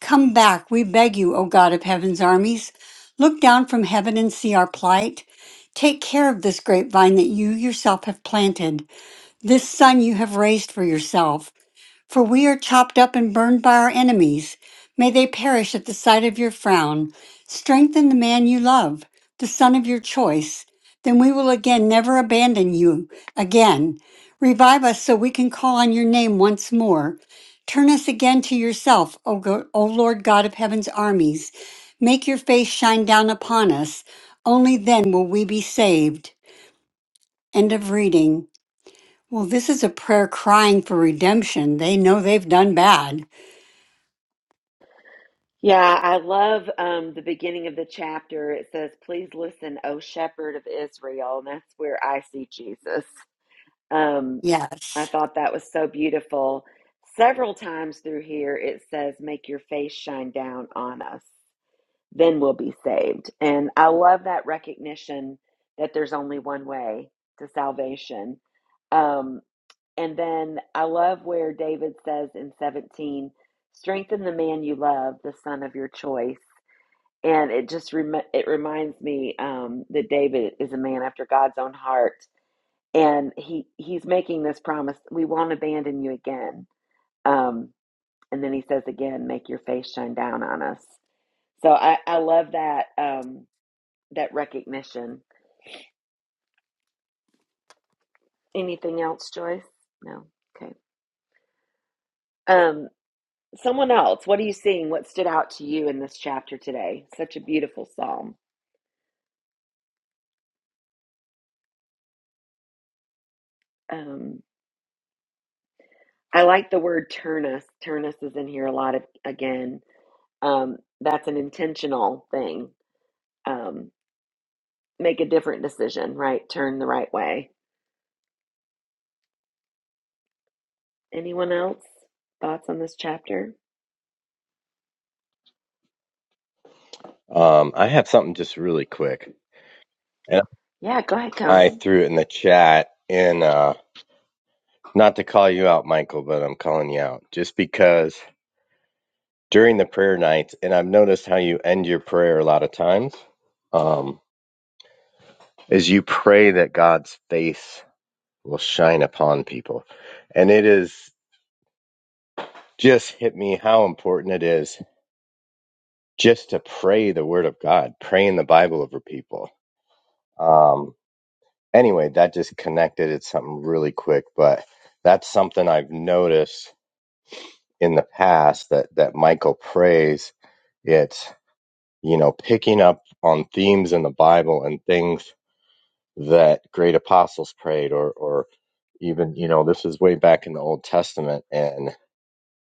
Come back, we beg you, O God of heaven's armies. Look down from heaven and see our plight. Take care of this grapevine that you yourself have planted, this son you have raised for yourself. For we are chopped up and burned by our enemies. May they perish at the sight of your frown. Strengthen the man you love, the son of your choice. Then we will again never abandon you again. Revive us so we can call on your name once more. Turn us again to yourself, O, Go- o Lord God of heaven's armies. Make your face shine down upon us. Only then will we be saved. End of reading. Well, this is a prayer crying for redemption. They know they've done bad.
Yeah, I love um, the beginning of the chapter. It says, Please listen, O shepherd of Israel. And that's where I see Jesus. Um,
Yes.
I thought that was so beautiful. Several times through here, it says, Make your face shine down on us. then we'll be saved. And I love that recognition that there's only one way to salvation. Um, and then I love where David says in 17, strengthen the man you love, the son of your choice. And it just rem- it reminds me um, that David is a man after God's own heart, and he he's making this promise: we won't abandon you again. Um, and then he says again, make your face shine down on us. So I, I love that. Um, that recognition. Anything else, Joyce? No. Okay. Um, someone else. What are you seeing? What stood out to you in this chapter today? Such a beautiful psalm. Um, I like the word turnus. Turnus is in here a lot of again. Um, that's an intentional thing. Um, make a different decision, right? Turn the right way. Anyone else? Thoughts on this chapter?
Um, I have something just really quick. And
Yeah, go ahead,
I
Conan.
threw it in the chat and uh not to call you out, Michael, but I'm calling you out just because during the prayer nights, and I've noticed how you end your prayer a lot of times, um, is you pray that God's face will shine upon people. And it is just hit me how important it is just to pray the word of God, pray in the Bible over people. Um, anyway, that just connected. It's something really quick, but that's something I've noticed in the past that that Michael prays. It's you know picking up on themes in the Bible and things that great apostles prayed, or or even you know this is way back in the Old Testament and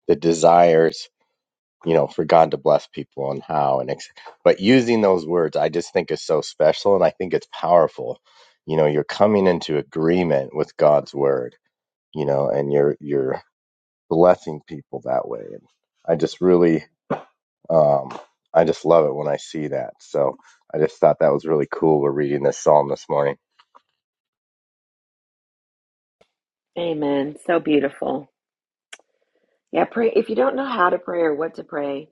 the desires you know for God to bless people and how and ex- but using those words I just think is so special and I think it's powerful. You know, you're coming into agreement with God's word you know, and you're you're blessing people that way. And I just really, um, I just love it when I see that. So I just thought that was really cool. We're reading this psalm this morning.
Amen. So beautiful. Yeah, pray if you don't know how to pray or what to pray,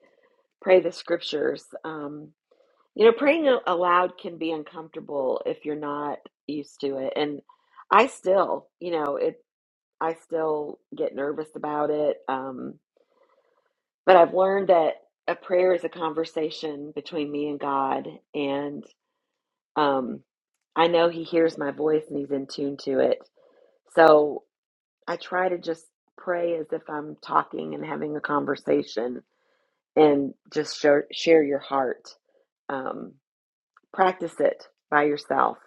Pray the scriptures. Um, you know, praying a- aloud can be uncomfortable if you're not used to it. And I still, you know, it. I still get nervous about it. Um, but I've learned that a prayer is a conversation between me and God, and um, I know He hears my voice and He's in tune to it. So I try to just pray as if I'm talking and having a conversation, and just share share your heart. Um, practice it by yourself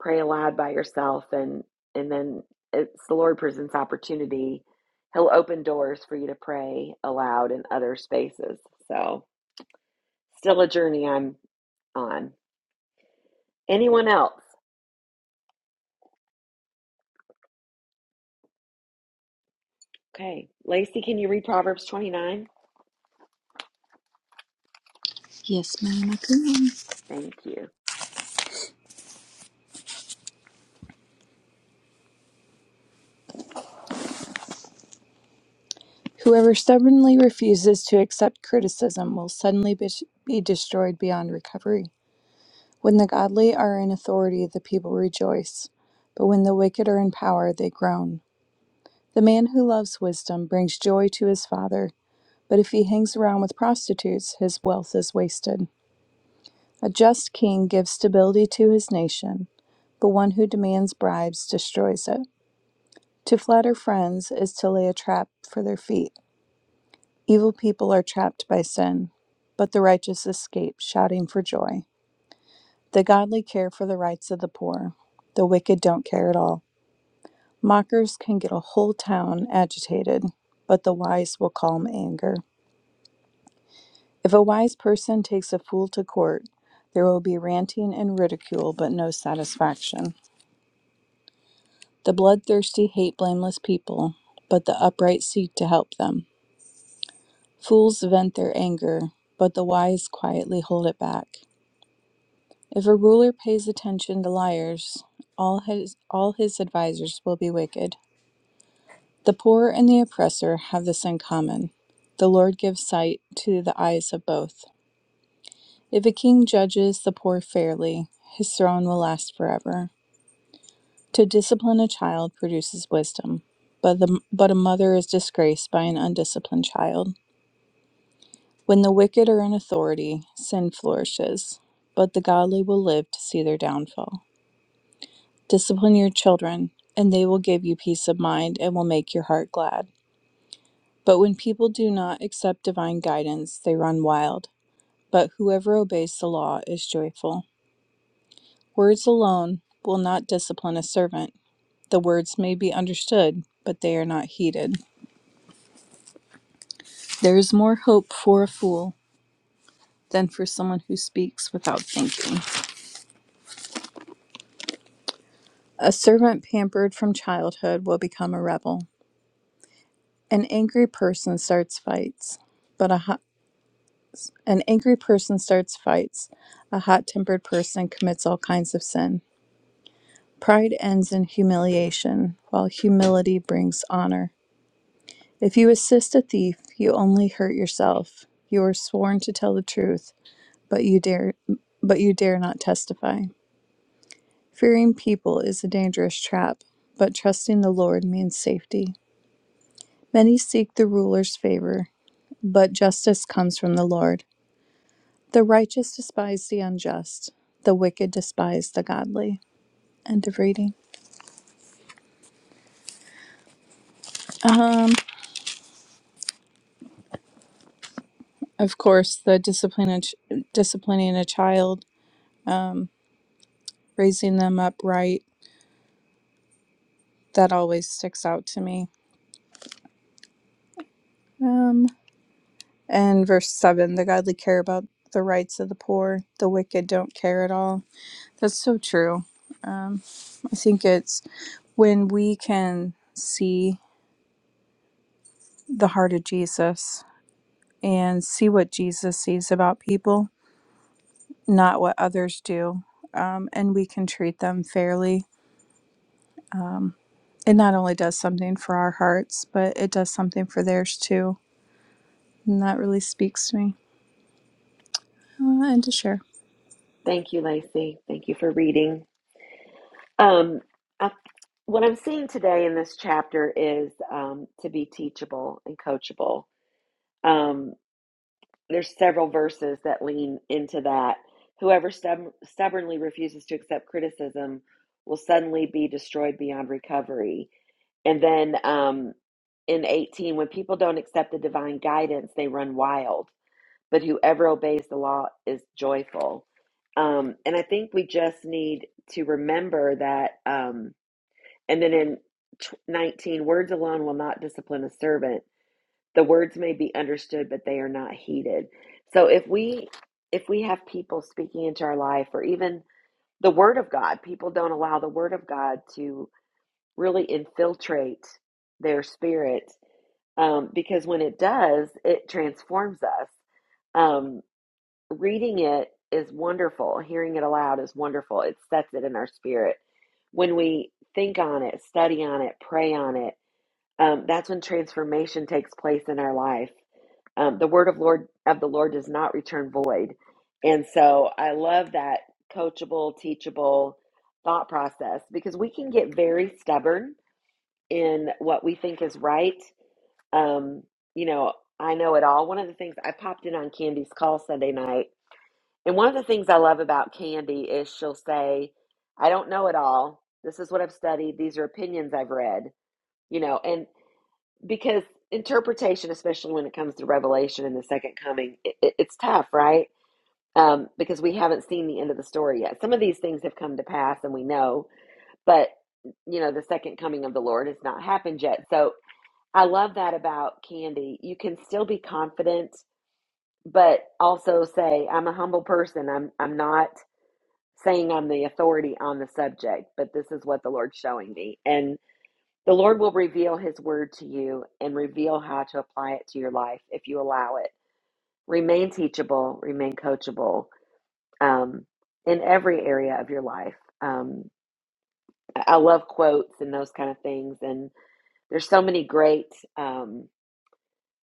pray aloud by yourself and and then it's the lord presents opportunity he'll open doors for you to pray aloud in other spaces so still a journey i'm on anyone else okay lacey can you read proverbs 29
Yes, ma'am, I can.
thank you
Whoever stubbornly refuses to accept criticism will suddenly be, be destroyed beyond recovery. When the godly are in authority, the people rejoice, but when the wicked are in power, they groan. The man who loves wisdom brings joy to his father, but if he hangs around with prostitutes, his wealth is wasted. A just king gives stability to his nation, but one who demands bribes destroys it. To flatter friends is to lay a trap for their feet. Evil people are trapped by sin, but the righteous escape, shouting for joy. The godly care for the rights of the poor. The wicked don't care at all. Mockers can get a whole town agitated, but the wise will calm anger. If a wise person takes a fool to court, there will be ranting and ridicule, but no satisfaction. The bloodthirsty hate blameless people, but the upright seek to help them. Fools vent their anger, but the wise quietly hold it back. If a ruler pays attention to liars, all his all his advisers will be wicked. The poor and the oppressor have this in common. The Lord gives sight to the eyes of both. If a king judges the poor fairly, his throne will last forever. To discipline a child produces wisdom, but the but a mother is disgraced by an undisciplined child. When the wicked are in authority, sin flourishes, but the godly will live to see their downfall. Discipline your children, and they will give you peace of mind and will make your heart glad. But when people do not accept divine guidance, they run wild. But whoever obeys the law is joyful. Words alone will not discipline a servant. The words may be understood, but they are not heeded. There is more hope for a fool than for someone who speaks without thinking. A servant pampered from childhood will become a rebel. An angry person starts fights, but a, An angry person starts fights. A hot tempered person commits all kinds of sin. Pride ends in humiliation, while humility brings honor. If you assist a thief, you only hurt yourself. You are sworn to tell the truth, but you dare but you dare not testify. Fearing people is a dangerous trap, but trusting the Lord means safety. Many seek the ruler's favor, but justice comes from the Lord. The righteous despise the unjust, the wicked despise the godly. End of reading. Of course, the discipline disciplining a child, raising them up right, that always sticks out to me. Um, and verse 7 the godly care about the rights of the poor, the wicked don't care at all. That's so true. I think it's when we can see the heart of Jesus and see what Jesus sees about people not what others do, um, and we can treat them fairly. It not only does something for our hearts, but it does something for theirs too. And that really speaks to me uh, and to share.
thank you lacey thank you for reading um I, what i'm seeing today in this chapter is um, to be teachable and coachable um there's several verses that lean into that. Whoever stub- stubbornly refuses to accept criticism will suddenly be destroyed beyond recovery. And then um, in 18, when people don't accept the divine guidance, they run wild. But whoever obeys the law is joyful. Um, and I think we just need to remember that. Um, and then in tw- 19, words alone will not discipline a servant the words may be understood but they are not heeded so if we if we have people speaking into our life or even the word of god people don't allow the word of god to really infiltrate their spirit um, because when it does it transforms us um, reading it is wonderful hearing it aloud is wonderful it sets it in our spirit when we think on it study on it pray on it um, that's when transformation takes place in our life. Um, the word of Lord of the Lord does not return void, and so I love that coachable, teachable thought process because we can get very stubborn in what we think is right. Um, you know, I know it all. One of the things I popped in on Candy's call Sunday night, and one of the things I love about Candy is she'll say, "I don't know it all. This is what I've studied. These are opinions I've read." You know, and because interpretation, especially when it comes to Revelation and the second coming, it, it- it's tough, right? Um, because we haven't seen the end of the story yet. Some of these things have come to pass and we know, but you know, the second coming of the Lord has not happened yet. So I love that about Candy. You can still be confident, but also say, I'm a humble person. I'm I'm not saying I'm the authority on the subject, but this is what the Lord's showing me. and the Lord will reveal His word to you and reveal how to apply it to your life if you allow it. Remain teachable, remain coachable um, in every area of your life. Um, I love quotes and those kind of things. And there's so many great um,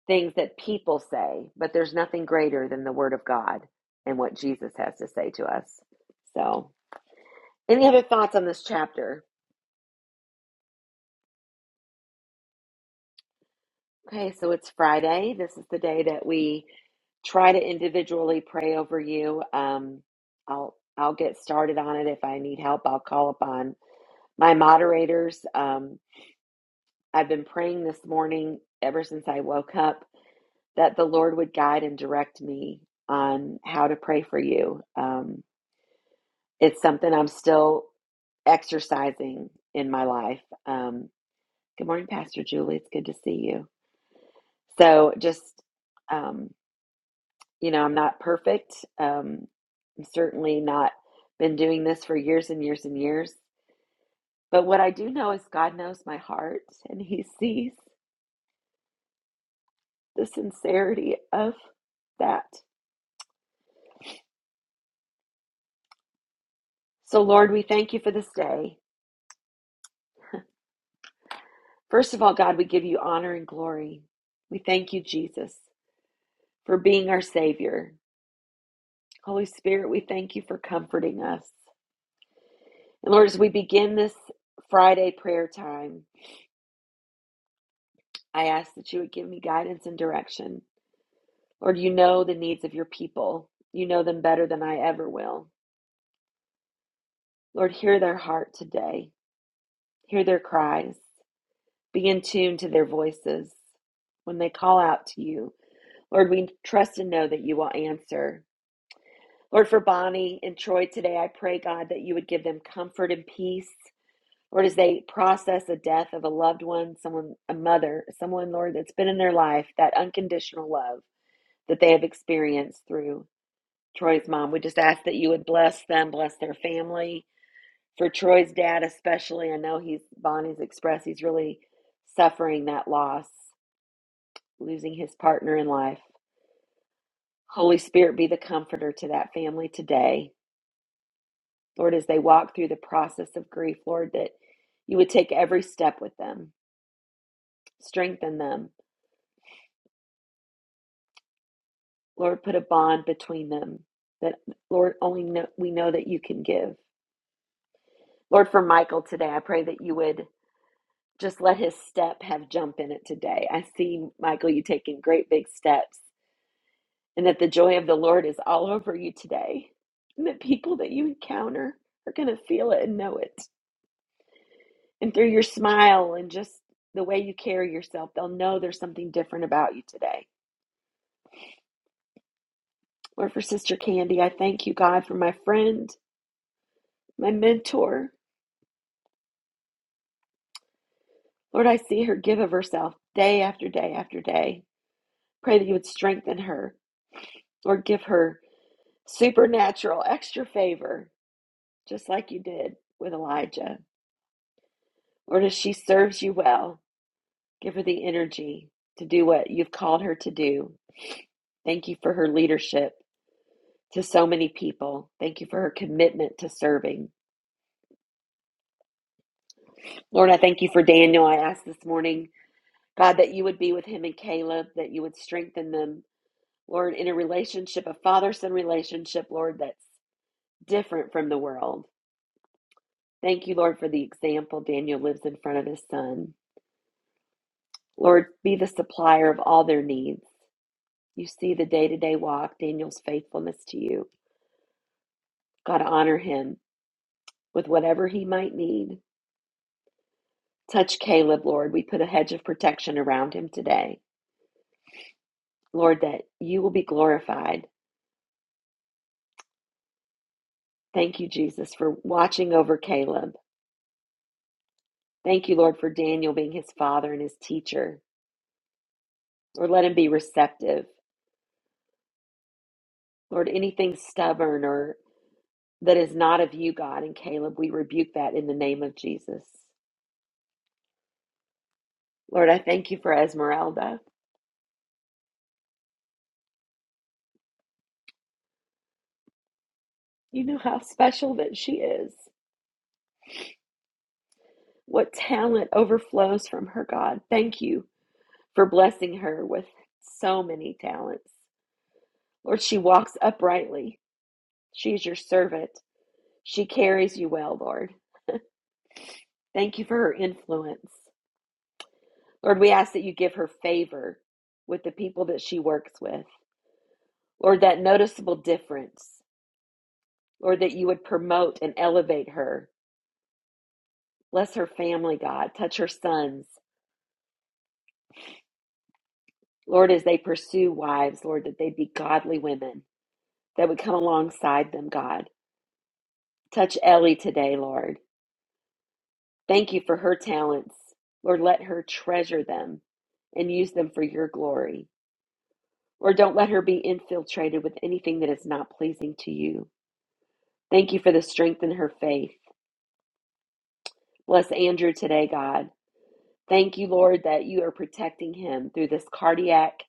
things that people say, but there's nothing greater than the word of God and what Jesus has to say to us. So, any other thoughts on this chapter? Okay, so it's Friday. This is the day that we try to individually pray over you. Um, I'll I'll get started on it. If I need help, I'll call upon my moderators. Um, I've been praying this morning ever since I woke up that the Lord would guide and direct me on how to pray for you. Um, it's something I'm still exercising in my life. Um, good morning, Pastor Julie. It's good to see you. So just. um, You know, I'm not perfect. Um, I'm certainly not been doing this for years and years and years. But what I do know is God knows my heart and He sees the sincerity of that. So, Lord, we thank you for this day. First of all, God, we give you honor and glory. We thank you, Jesus, for being our Savior. Holy Spirit, we thank you for comforting us. And Lord, as we begin this Friday prayer time, I ask that you would give me guidance and direction. Lord, you know the needs of your people. You know them better than I ever will. Lord, hear their heart today. Hear their cries. Be in tune to their voices when they call out to you. Lord, we trust and know that you will answer. Lord, for Bonnie and Troy today, I pray, God, that you would give them comfort and peace. Lord, as they process the death of a loved one, someone, a mother, someone, Lord, that's been in their life, that unconditional love that they have experienced through Troy's mom. We just ask that you would bless them, bless their family. For Troy's dad, especially, I know he's Bonnie's expressed he's really suffering that loss, losing his partner in life. Holy Spirit, be the comforter to that family today. Lord, as they walk through the process of grief, Lord, that you would take every step with them, strengthen them. Lord, put a bond between them that, Lord, only know, we know that you can give. Lord, for Michael today, I pray that you would just let his step have jump in it today. I see, Michael, you taking great big steps and that the joy of the Lord is all over you today. And the people that you encounter are going to feel it and know it. And through your smile and just the way you carry yourself, they'll know there's something different about you today. Lord, for Sister Candy, I thank you, God, for my friend, my mentor. Lord, I see her give of herself day after day after day. Pray that you would strengthen her. Lord, give her supernatural extra favor, just like you did with Elijah. Lord, as she serves you well, give her the energy to do what you've called her to do. Thank you for her leadership to so many people. Thank you for her commitment to serving. Lord, I thank you for Daniel. I ask this morning, God, that you would be with him and Caleb, that you would strengthen them, Lord, in a relationship, a father son relationship, Lord, that's different from the world. Thank you, Lord, for the example Daniel lives in front of his son. Lord, be the supplier of all their needs. You see the day to day walk, Daniel's faithfulness to you. God, honor him with whatever he might need. Touch Caleb, Lord. We put a hedge of protection around him today. Lord, that you will be glorified. Thank you, Jesus, for watching over Caleb. Thank you, Lord, for Daniel being his father and his teacher. Lord, let him be receptive. Lord, anything stubborn or that is not of you, God, and Caleb, we rebuke that in the name of Jesus. Lord, I thank you for Esmeralda. You know how special that she is. What talent overflows from her, God. Thank you for blessing her with so many talents. Lord, she walks uprightly. She is your servant. She carries you well, Lord. Thank you for her influence. Lord, we ask that you give her favor with the people that she works with. Lord, that noticeable difference. Lord, that you would promote and elevate her. Bless her family, God. Touch her sons. Lord, as they pursue wives, Lord, that they be godly women that would come alongside them, God. Touch Ellie today, Lord. Thank you for her talents. Lord, let her treasure them and use them for your glory. Lord, don't let her be infiltrated with anything that is not pleasing to you. Thank you for the strength in her faith. Bless Andrew today, God. Thank you, Lord, that you are protecting him through this cardiac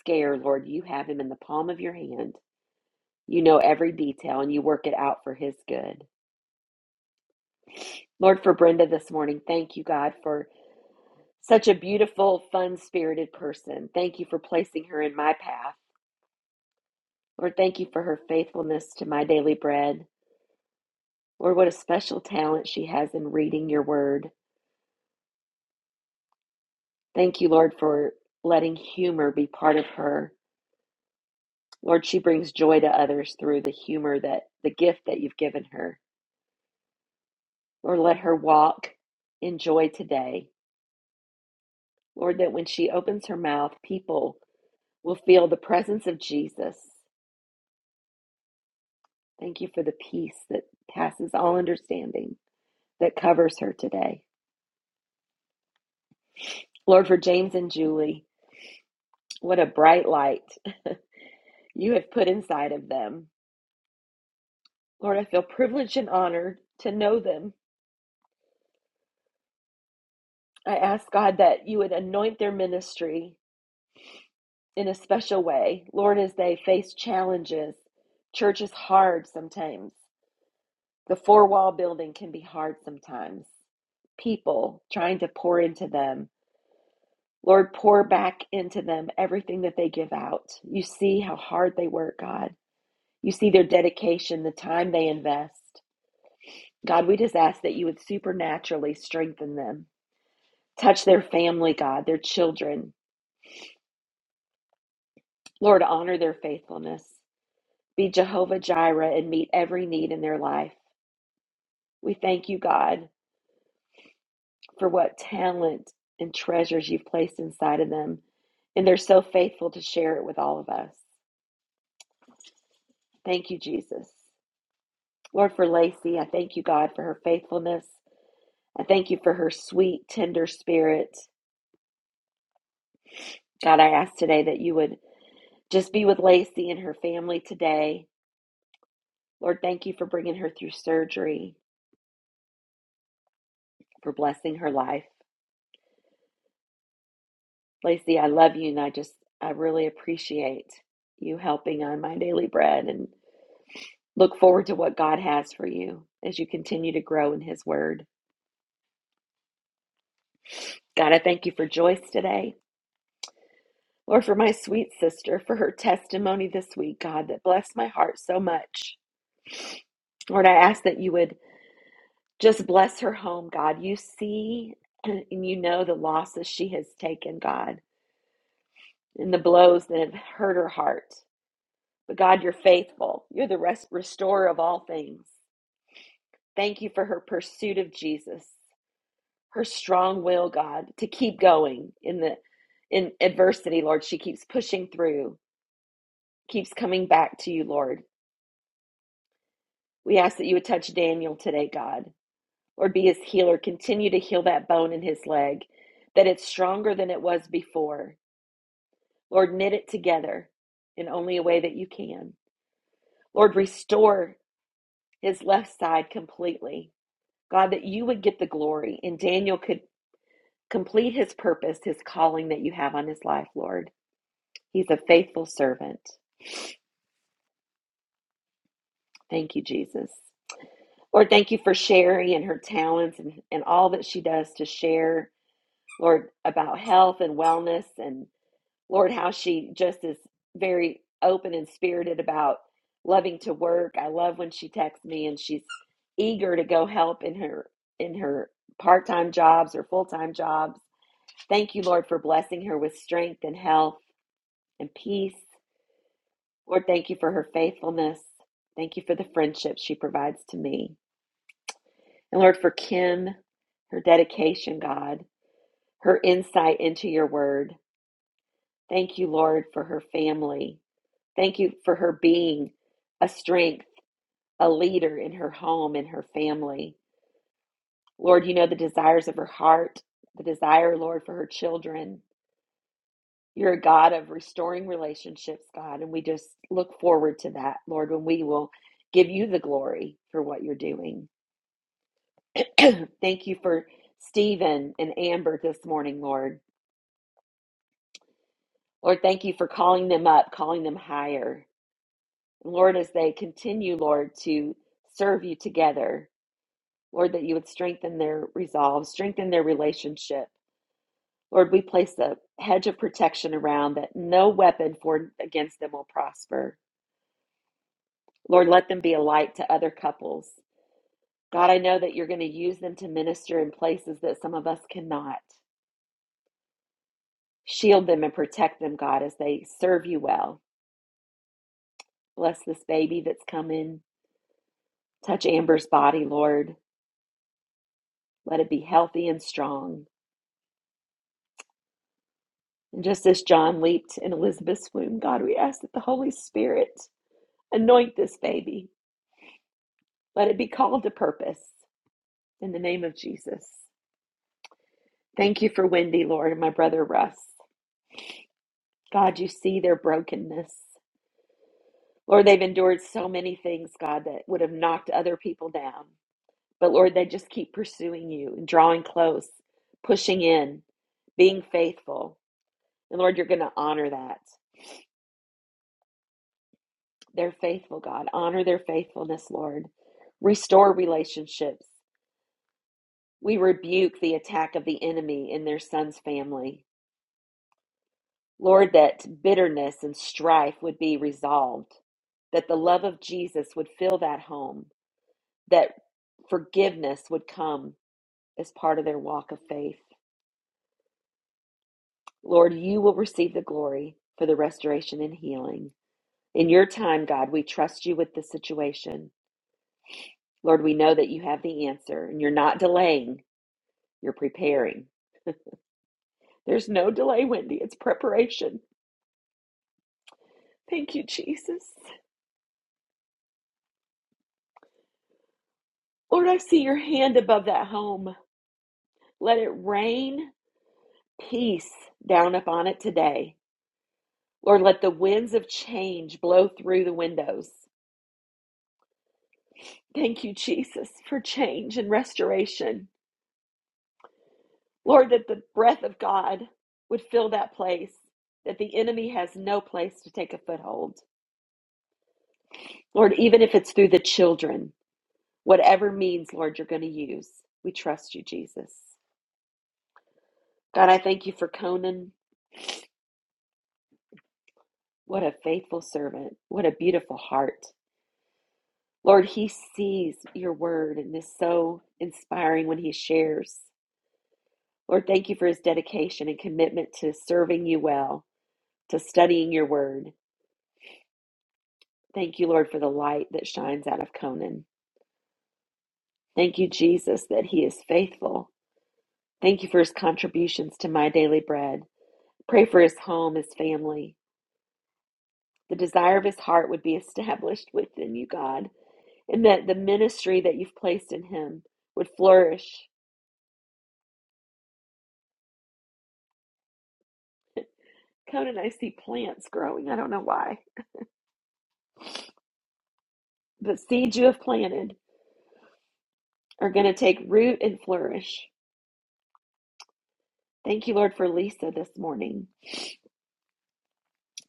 scare, Lord. You have him in the palm of your hand. You know every detail and you work it out for his good. Lord, for Brenda this morning, thank you, God, for such a beautiful, fun spirited person. Thank you for placing her in my path. Lord, thank you for her faithfulness to my daily bread. Lord, what a special talent she has in reading your word. Thank you, Lord, for letting humor be part of her. Lord, she brings joy to others through the humor that the gift that you've given her. Lord, let her walk in joy today. Lord, that when she opens her mouth, people will feel the presence of Jesus. Thank you for the peace that passes all understanding that covers her today. Lord, for James and Julie, what a bright light you have put inside of them. Lord, I feel privileged and honored to know them. I ask God that you would anoint their ministry in a special way. Lord, as they face challenges, church is hard sometimes. The four wall building can be hard sometimes. People trying to pour into them Lord, pour back into them everything that they give out. You see how hard they work, God. You see their dedication, the time they invest. God, we just ask that you would supernaturally strengthen them. Touch their family, God, their children. Lord, honor their faithfulness. Be Jehovah Jireh and meet every need in their life. We thank you, God, for what talent and treasures you've placed inside of them. And they're so faithful to share it with all of us. Thank you, Jesus. Lord, for Lacey, I thank you, God, for her faithfulness. I thank you for her sweet, tender spirit. God, I ask today that you would just be with Lacey and her family today. Lord, thank you for bringing her through surgery, for blessing her life. Lacey, I love you, and I just, I really appreciate you helping on my daily bread and look forward to what God has for you as you continue to grow in His Word. God, I thank you for Joyce today. Lord, for my sweet sister, for her testimony this week, God, that blessed my heart so much. Lord, I ask that you would just bless her home, God. You see and you know the losses she has taken, God, and the blows that have hurt her heart. But God, you're faithful. You're the rest, restorer of all things. Thank you for her pursuit of Jesus, her strong will, God, to keep going in the in adversity, Lord. She keeps pushing through, keeps coming back to you, Lord. We ask that you would touch Daniel today, God. Lord, be his healer. Continue to heal that bone in his leg, that it's stronger than it was before. Lord, knit it together in only a way that you can. Lord, restore his left side completely. God, that you would get the glory and Daniel could complete his purpose, his calling that you have on his life, Lord. He's a faithful servant. Thank you, Jesus. Lord, thank you for Sherry and her talents and, and all that she does to share Lord, about health and wellness, and Lord, how she just is very open and spirited about loving to work. I love when she texts me and she's eager to go help in her in her part-time jobs or full-time jobs. Thank you, Lord, for blessing her with strength and health and peace. Lord, thank you for her faithfulness. Thank you for the friendship she provides to me. And Lord, for Kim, her dedication, God, her insight into your word. Thank you, Lord, for her family. Thank you for her being a strength, a leader in her home, in her family. Lord, you know the desires of her heart, the desire, Lord, for her children. You're a God of restoring relationships, God, and we just look forward to that, Lord, when we will give you the glory for what you're doing. thank you for Stephen and Amber this morning, Lord. Lord, thank you for calling them up, calling them higher. Lord, as they continue, Lord, to serve you together, Lord, that you would strengthen their resolve, strengthen their relationship. Lord, we place a hedge of protection around that no weapon formed against them will prosper. Lord, let them be a light to other couples. God, I know that you're going to use them to minister in places that some of us cannot. Shield them and protect them, God, as they serve you well. Bless this baby that's coming. Touch Amber's body, Lord. Let it be healthy and strong. And just as John leaped in Elizabeth's womb, God, we ask that the Holy Spirit anoint this baby. Let it be called to purpose in the name of Jesus. Thank you for Wendy, Lord, and my brother Russ. God, you see their brokenness. Lord, they've endured so many things, God, that would have knocked other people down. But Lord, they just keep pursuing you and drawing close, pushing in, being faithful. And Lord, you're going to honor that. Their faithful, God. Honor their faithfulness, Lord. Restore relationships. We rebuke the attack of the enemy in their son's family. Lord, that bitterness and strife would be resolved, that the love of Jesus would fill that home, that forgiveness would come as part of their walk of faith. Lord, you will receive the glory for the restoration and healing. In your time, God, we trust you with this situation. Lord, we know that you have the answer and you're not delaying. You're preparing. There's no delay, Wendy. It's preparation. Thank you, Jesus. Lord, I see your hand above that home. Let it rain peace down upon it today. Lord, let the winds of change blow through the windows. Thank you, Jesus, for change and restoration. Lord, that the breath of God would fill that place, that the enemy has no place to take a foothold. Lord, even if it's through the children, Whatever means, Lord, you're going to use. We trust you, Jesus. God, I thank you for Conan. What a faithful servant. What a beautiful heart. Lord, he sees your word and is so inspiring when he shares. Lord, thank you for his dedication and commitment to serving you well, to studying your word. Thank you, Lord, for the light that shines out of Conan. Thank you, Jesus, that he is faithful. Thank you for his contributions to my daily bread. Pray for his home, his family, the desire of his heart would be established within you, God, and that the ministry that you've placed in him would flourish. Conan, and I see plants growing. I don't know why, but seeds you have planted are going to take root and flourish. Thank you, Lord, for Lisa this morning.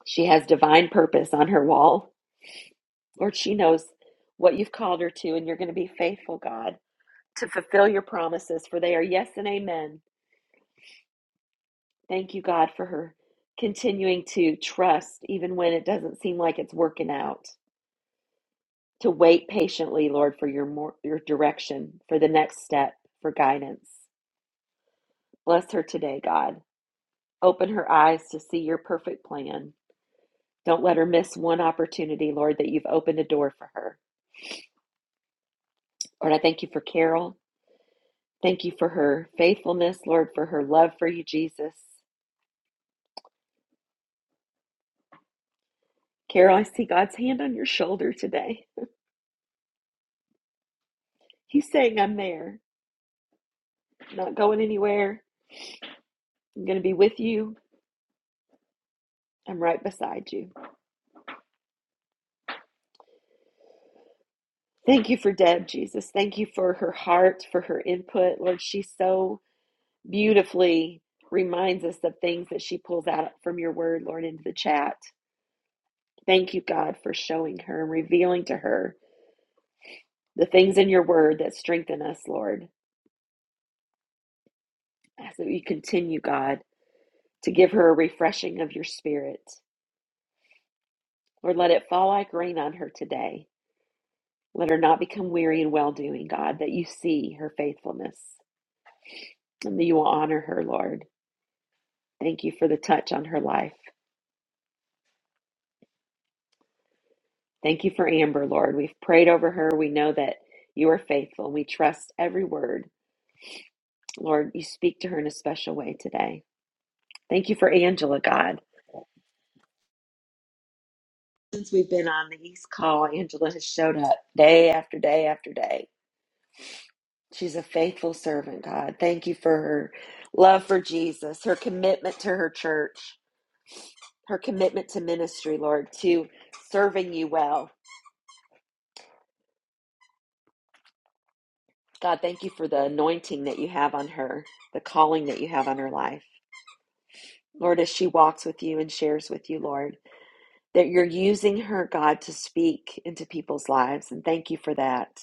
She has divine purpose on her wall. Lord, she knows what you've called her to, and you're going to be faithful, God, to fulfill your promises, for they are yes and amen Thank you, God, for her continuing to trust even when it doesn't seem like it's working out. To wait patiently, Lord, for your more, your direction, for the next step, for guidance. Bless her today, God. Open her eyes to see your perfect plan. Don't let her miss one opportunity, Lord, that you've opened a door for her. Lord, I thank you for Carol. Thank you for her faithfulness, Lord, for her love for you, Jesus. Carol, I see God's hand on your shoulder today. He's saying, I'm there, not going anywhere I'm going to be with you. I'm right beside you. Thank you for Deb, Jesus. Thank you for her heart, for her input. Lord, she so beautifully reminds us of things that she pulls out from your word, Lord, into the chat. Thank you, God, for showing her and revealing to her the things in your word that strengthen us, Lord, as we continue, God, to give her a refreshing of your spirit. Lord, let it fall like rain on her today. Let her not become weary in well doing, God, that you see her faithfulness. and that you will honor her, Lord. Thank you for the touch on her life. Thank you for Amber, Lord. We've prayed over her. We know that you are faithful and we trust every word. Lord, you speak to her in a special way today. Thank you for Angela, God. Since we've been on the East Call, Angela has showed up day after day after day. She's a faithful servant, God. Thank you for her love for Jesus, her commitment to her church, her commitment to ministry, Lord, to serving you well. God, thank you for the anointing that you have on her, the calling that you have on her life. Lord, as she walks with you and shares with you, Lord, that you're using her, God, to speak into people's lives. And thank you for that.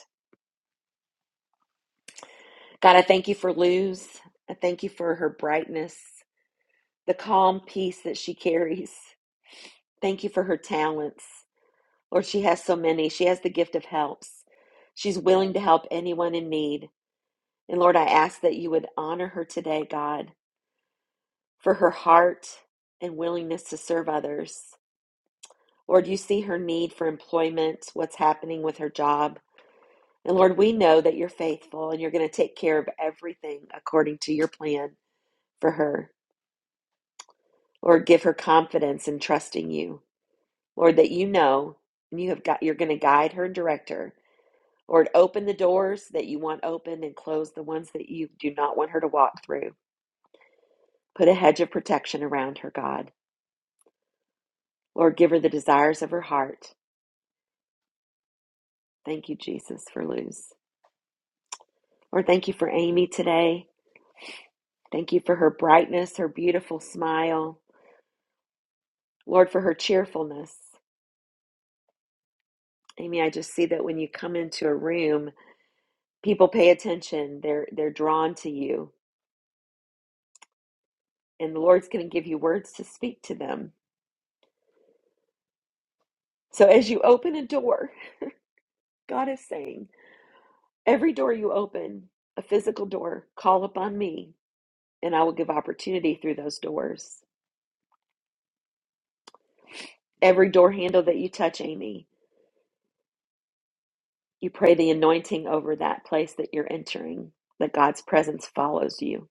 God, I thank you for Luz. I thank you for her brightness, the calm peace that she carries. Thank you for her talents. Lord, she has so many. She has the gift of helps. She's willing to help anyone in need. And Lord, I ask that you would honor her today, God. for her heart and willingness to serve others. Lord, you see her need for employment, what's happening with her job. And Lord, we know that you're faithful and you're going to take care of everything according to your plan for her. Lord, give her confidence in trusting you. Lord, that you know and you have got you're going to guide her and direct her. Lord, open the doors that you want open and close the ones that you do not want her to walk through. Put a hedge of protection around her, God. Lord, give her the desires of her heart. Thank you, Jesus, for Luz. Lord, thank you for Amy today. Thank you for her brightness, her beautiful smile. Lord, for her cheerfulness. Amy, I just see that when you come into a room, people pay attention. They're they're drawn to you. And the Lord's going to give you words to speak to them. So as you open a door, God is saying, every door you open, a physical door, call upon me, and I will give opportunity through those doors. Every door handle that you touch, Amy, You pray the anointing over that place that you're entering, that God's presence follows you,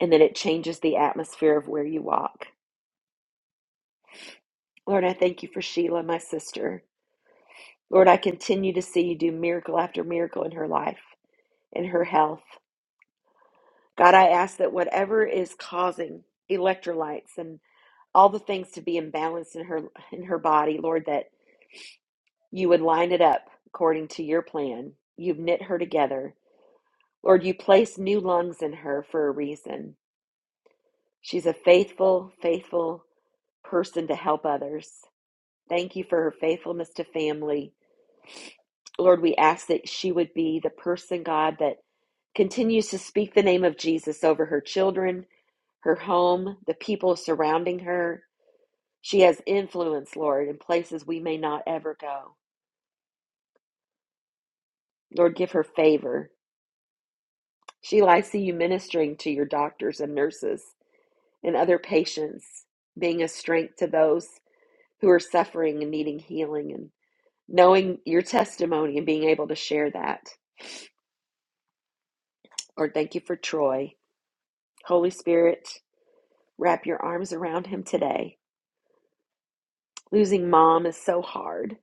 and that it changes the atmosphere of where you walk. Lord, I thank you for Sheila, my sister. Lord, I continue to see you do miracle after miracle in her life, in her health. God, I ask that whatever is causing electrolytes and all the things to be imbalanced in her in her body, Lord, that you would line it up according to your plan. You've knit her together. Lord, you place new lungs in her for a reason. She's a faithful, faithful person to help others. Thank you for her faithfulness to family. Lord, we ask that she would be the person, God, that continues to speak the name of Jesus over her children, her home, the people surrounding her. She has influence, Lord, in places we may not ever go. Lord, give her favor. Sheila, I see you ministering to your doctors and nurses and other patients, being a strength to those who are suffering and needing healing. and. knowing your testimony and being able to share that. Lord, thank you for Troy. Holy Spirit, wrap your arms around him today. Losing mom is so hard.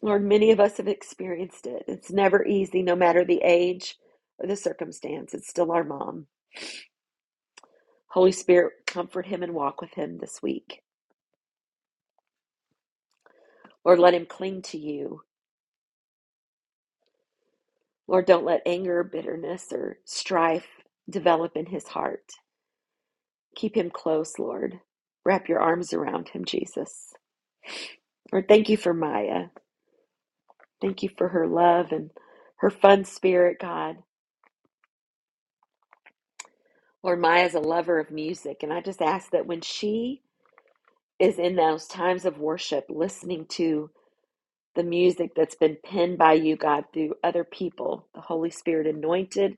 Lord, many of us have experienced it. It's never easy, no matter the age or the circumstance. It's still our mom. Holy Spirit, comfort him and walk with him this week. Lord, let him cling to you. Lord, don't let anger, bitterness, or strife develop in his heart. Keep him close, Lord. Wrap your arms around him, Jesus. Lord, thank you for Maya. Thank you for her love and her fun spirit, God. Lord, Maya's a lover of music, and I just ask that when she is in those times of worship, listening to the music that's been penned by you, God, through other people, the Holy Spirit anointed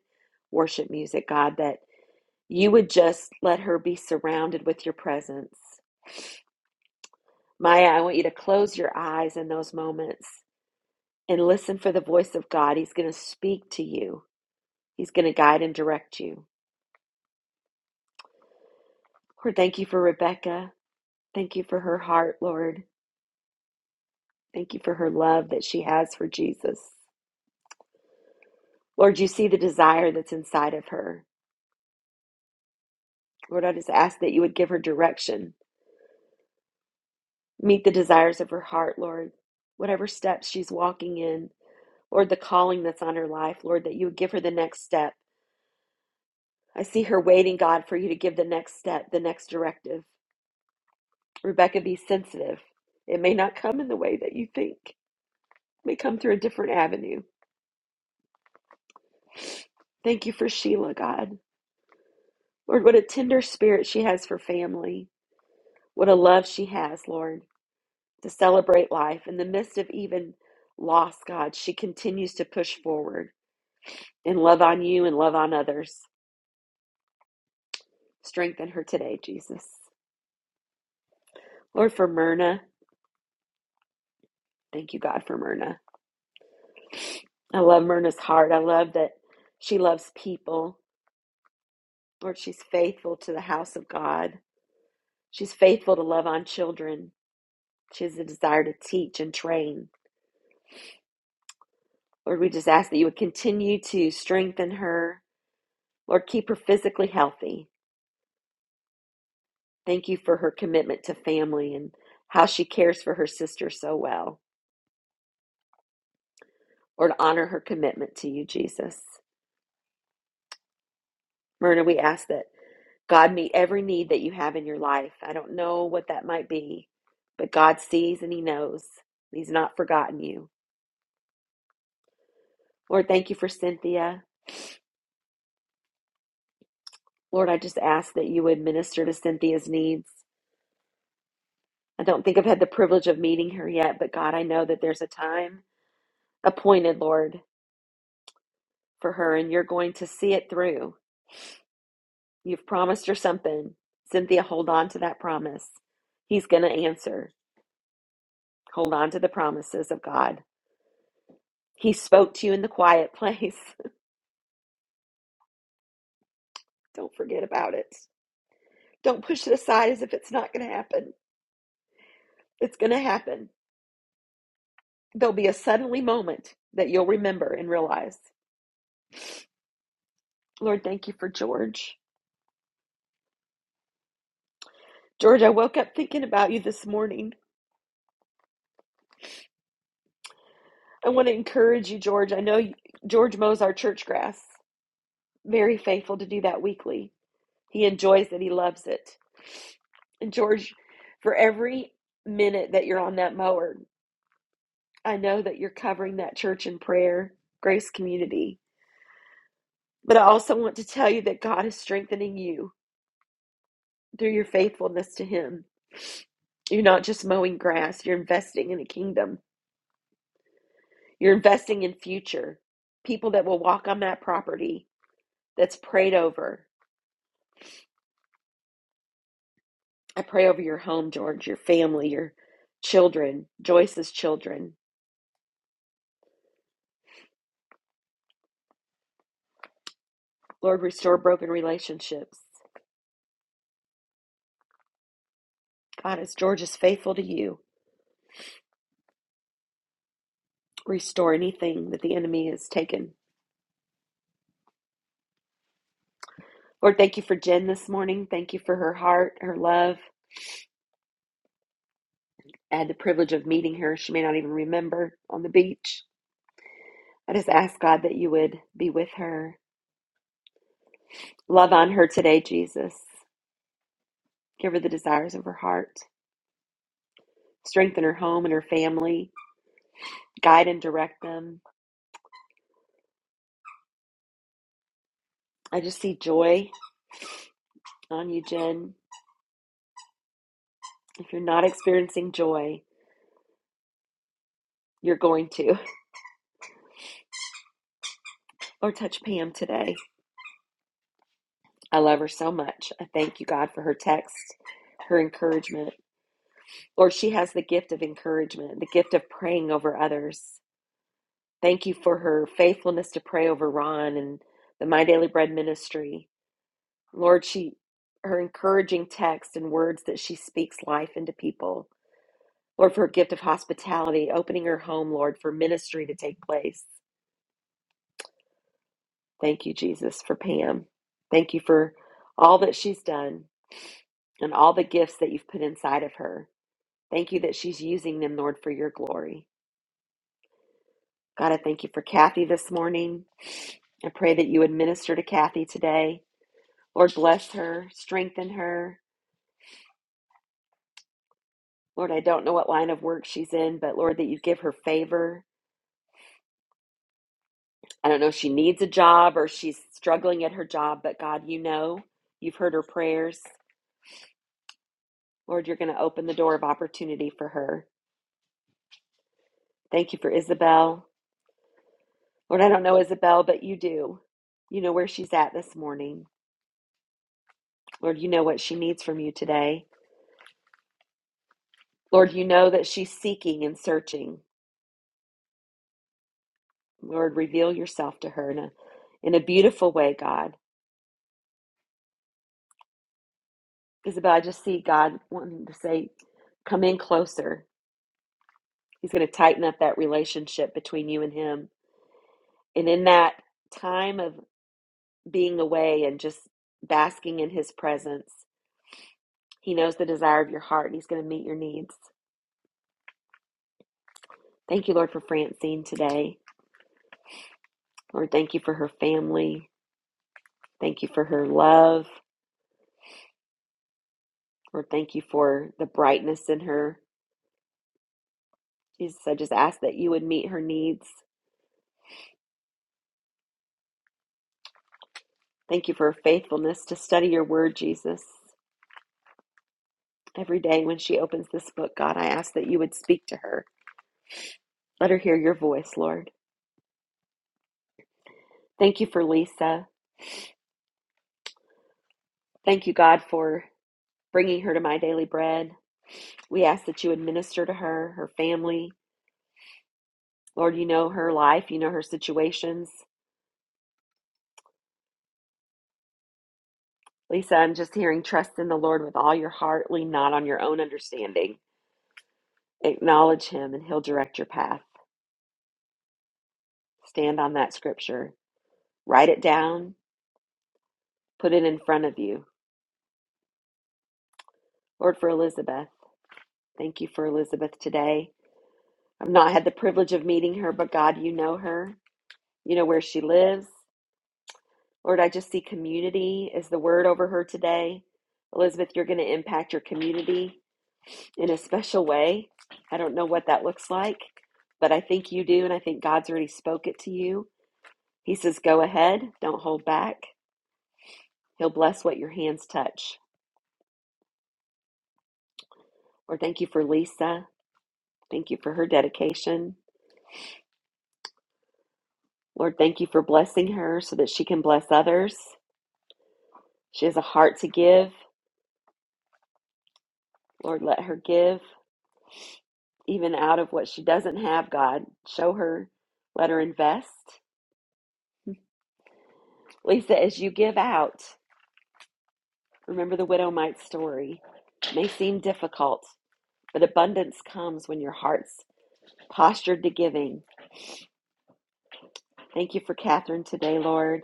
worship music, God, that you would just let her be surrounded with your presence. Maya, I want you to close your eyes in those moments and listen for the voice of God. He's going to speak to you, He's going to guide and direct you. Lord, thank you for Rebecca. Thank you for her heart, Lord. Thank you for her love that she has for Jesus. Lord, you see the desire that's inside of her. Lord, I just ask that you would give her direction, meet the desires of her heart, Lord. Whatever steps she's walking in, Lord, the calling that's on her life, Lord, that you would give her the next step. I see her waiting, God, for you to give the next step, the next directive. Rebecca, be sensitive. It may not come in the way that you think, it may come through a different avenue. Thank you for Sheila, God. Lord, what a tender spirit she has for family. What a love she has, Lord, to celebrate life. In the midst of even loss, God, she continues to push forward and love on you and love on others. Strengthen her today, Jesus. Lord, for Myrna, thank you, God, for Myrna. I love Myrna's heart. I love that she loves people. Lord, she's faithful to the house of God. She's faithful to love on children. She has a desire to teach and train. Lord, we just ask that you would continue to strengthen her Lord, keep her physically healthy. Thank you for her commitment to family and how she cares for her sister so well. Lord, honor her commitment to you, Jesus. Myrna, we ask that God meet every need that you have in your life. I don't know what that might be, but God sees and He knows. He's not forgotten you. Lord, thank you for Cynthia. Lord, I just ask that you would minister to Cynthia's needs. I don't think I've had the privilege of meeting her yet, but God, I know that there's a time appointed, Lord, for her, and you're going to see it through. You've promised her something. Cynthia, hold on to that promise. He's going to answer. Hold on to the promises of God. He spoke to you in the quiet place. Don't forget about it. Don't push it aside as if it's not going to happen. It's going to happen. There'll be a suddenly moment that you'll remember and realize. Lord, thank you for George. George, I woke up thinking about you this morning. I want to encourage you, George. I know you, George mows our church grass, very faithful to do that weekly. He enjoys it, he loves it. And George, for every minute that you're on that mower, I know that you're covering that church in prayer, Grace Community. But I also want to tell you that God is strengthening you through your faithfulness to Him. You're not just mowing grass, you're investing in the kingdom. You're investing in future people that will walk on that property that's prayed over. I pray over your home, George, your family, your children, Joyce's children. Lord, restore broken relationships. God, as George is faithful to you, restore anything that the enemy has taken. Lord, thank you for Jen this morning. Thank you for her heart, her love. I had the privilege of meeting her. She may not even remember on the beach. I just ask God that you would be with her. Love on her today, Jesus. Give her the desires of her heart. Strengthen her home and her family. Guide and direct them. I just see joy on you, Jen. If you're not experiencing joy, you're going to. Lord, touch Pam today. I love her so much. I thank you, God, for her text, her encouragement. Lord, she has the gift of encouragement, the gift of praying over others. Thank you for her faithfulness to pray over Ron and the My Daily Bread ministry. Lord, she her encouraging text and words that she speaks life into people. Lord, for her gift of hospitality, opening her home, Lord, for ministry to take place. Thank you, Jesus, for Pam. Thank you for all that she's done. and all the gifts that you've put inside of her. Thank you that she's using them, Lord, for your glory. God, I thank you for Kathy this morning. I pray that you would minister to Kathy today. Lord, bless her, strengthen her. Lord, I don't know what line of work she's in, but Lord, that you give her favor. I don't know if she needs a job or she's struggling at her job, but God, you know, you've heard her prayers. Lord, you're going to open the door of opportunity for her. Thank you for Isabel. Lord, I don't know Isabel, but you do. You know where she's at this morning. Lord, you know what she needs from you today. Lord, you know that she's seeking and searching. Lord, reveal yourself to her in a, in a beautiful way, God. Isabel, I just see God wanting to say, come in closer. He's going to tighten up that relationship between you and him. And in that time of being away and just basking in his presence, he knows the desire of your heart and he's going to meet your needs. Thank you, Lord, for Francine today. Lord, thank you for her family. Thank you for her love. Lord, thank you for the brightness in her. Jesus, I just ask that you would meet her needs. Thank you for her faithfulness to study your word, Jesus. Every day when she opens this book, God, I ask that you would speak to her. Let her hear your voice, Lord. Thank you for Lisa. Thank you, God, for bringing her to my daily bread. We ask that you would minister to her, her family. Lord, you know her life, you know her situations. Lisa, I'm just hearing trust in the Lord with all your heart. Lean not on your own understanding. Acknowledge him, and he'll direct your path. Stand on that scripture. Write it down. Put it in front of you. Lord, for Elizabeth, thank you for Elizabeth today. I've not had the privilege of meeting her, but God, you know her. You know where she lives. Lord, I just see community is the word over her today. Elizabeth, you're going to impact your community in a special way. I don't know what that looks like, but I think you do, and I think God's already spoke it to you. He says, Go ahead, don't hold back. He'll bless what your hands touch. Lord, thank you for Lisa. Thank you for her dedication. Lord, thank you for blessing her so that she can bless others. She has a heart to give. Lord, let her give even out of what she doesn't have, God. Show her, let her invest. Lisa, as you give out, remember the widow mite story. It may seem difficult, but abundance comes when your heart's postured to giving. Thank you for Catherine today, Lord.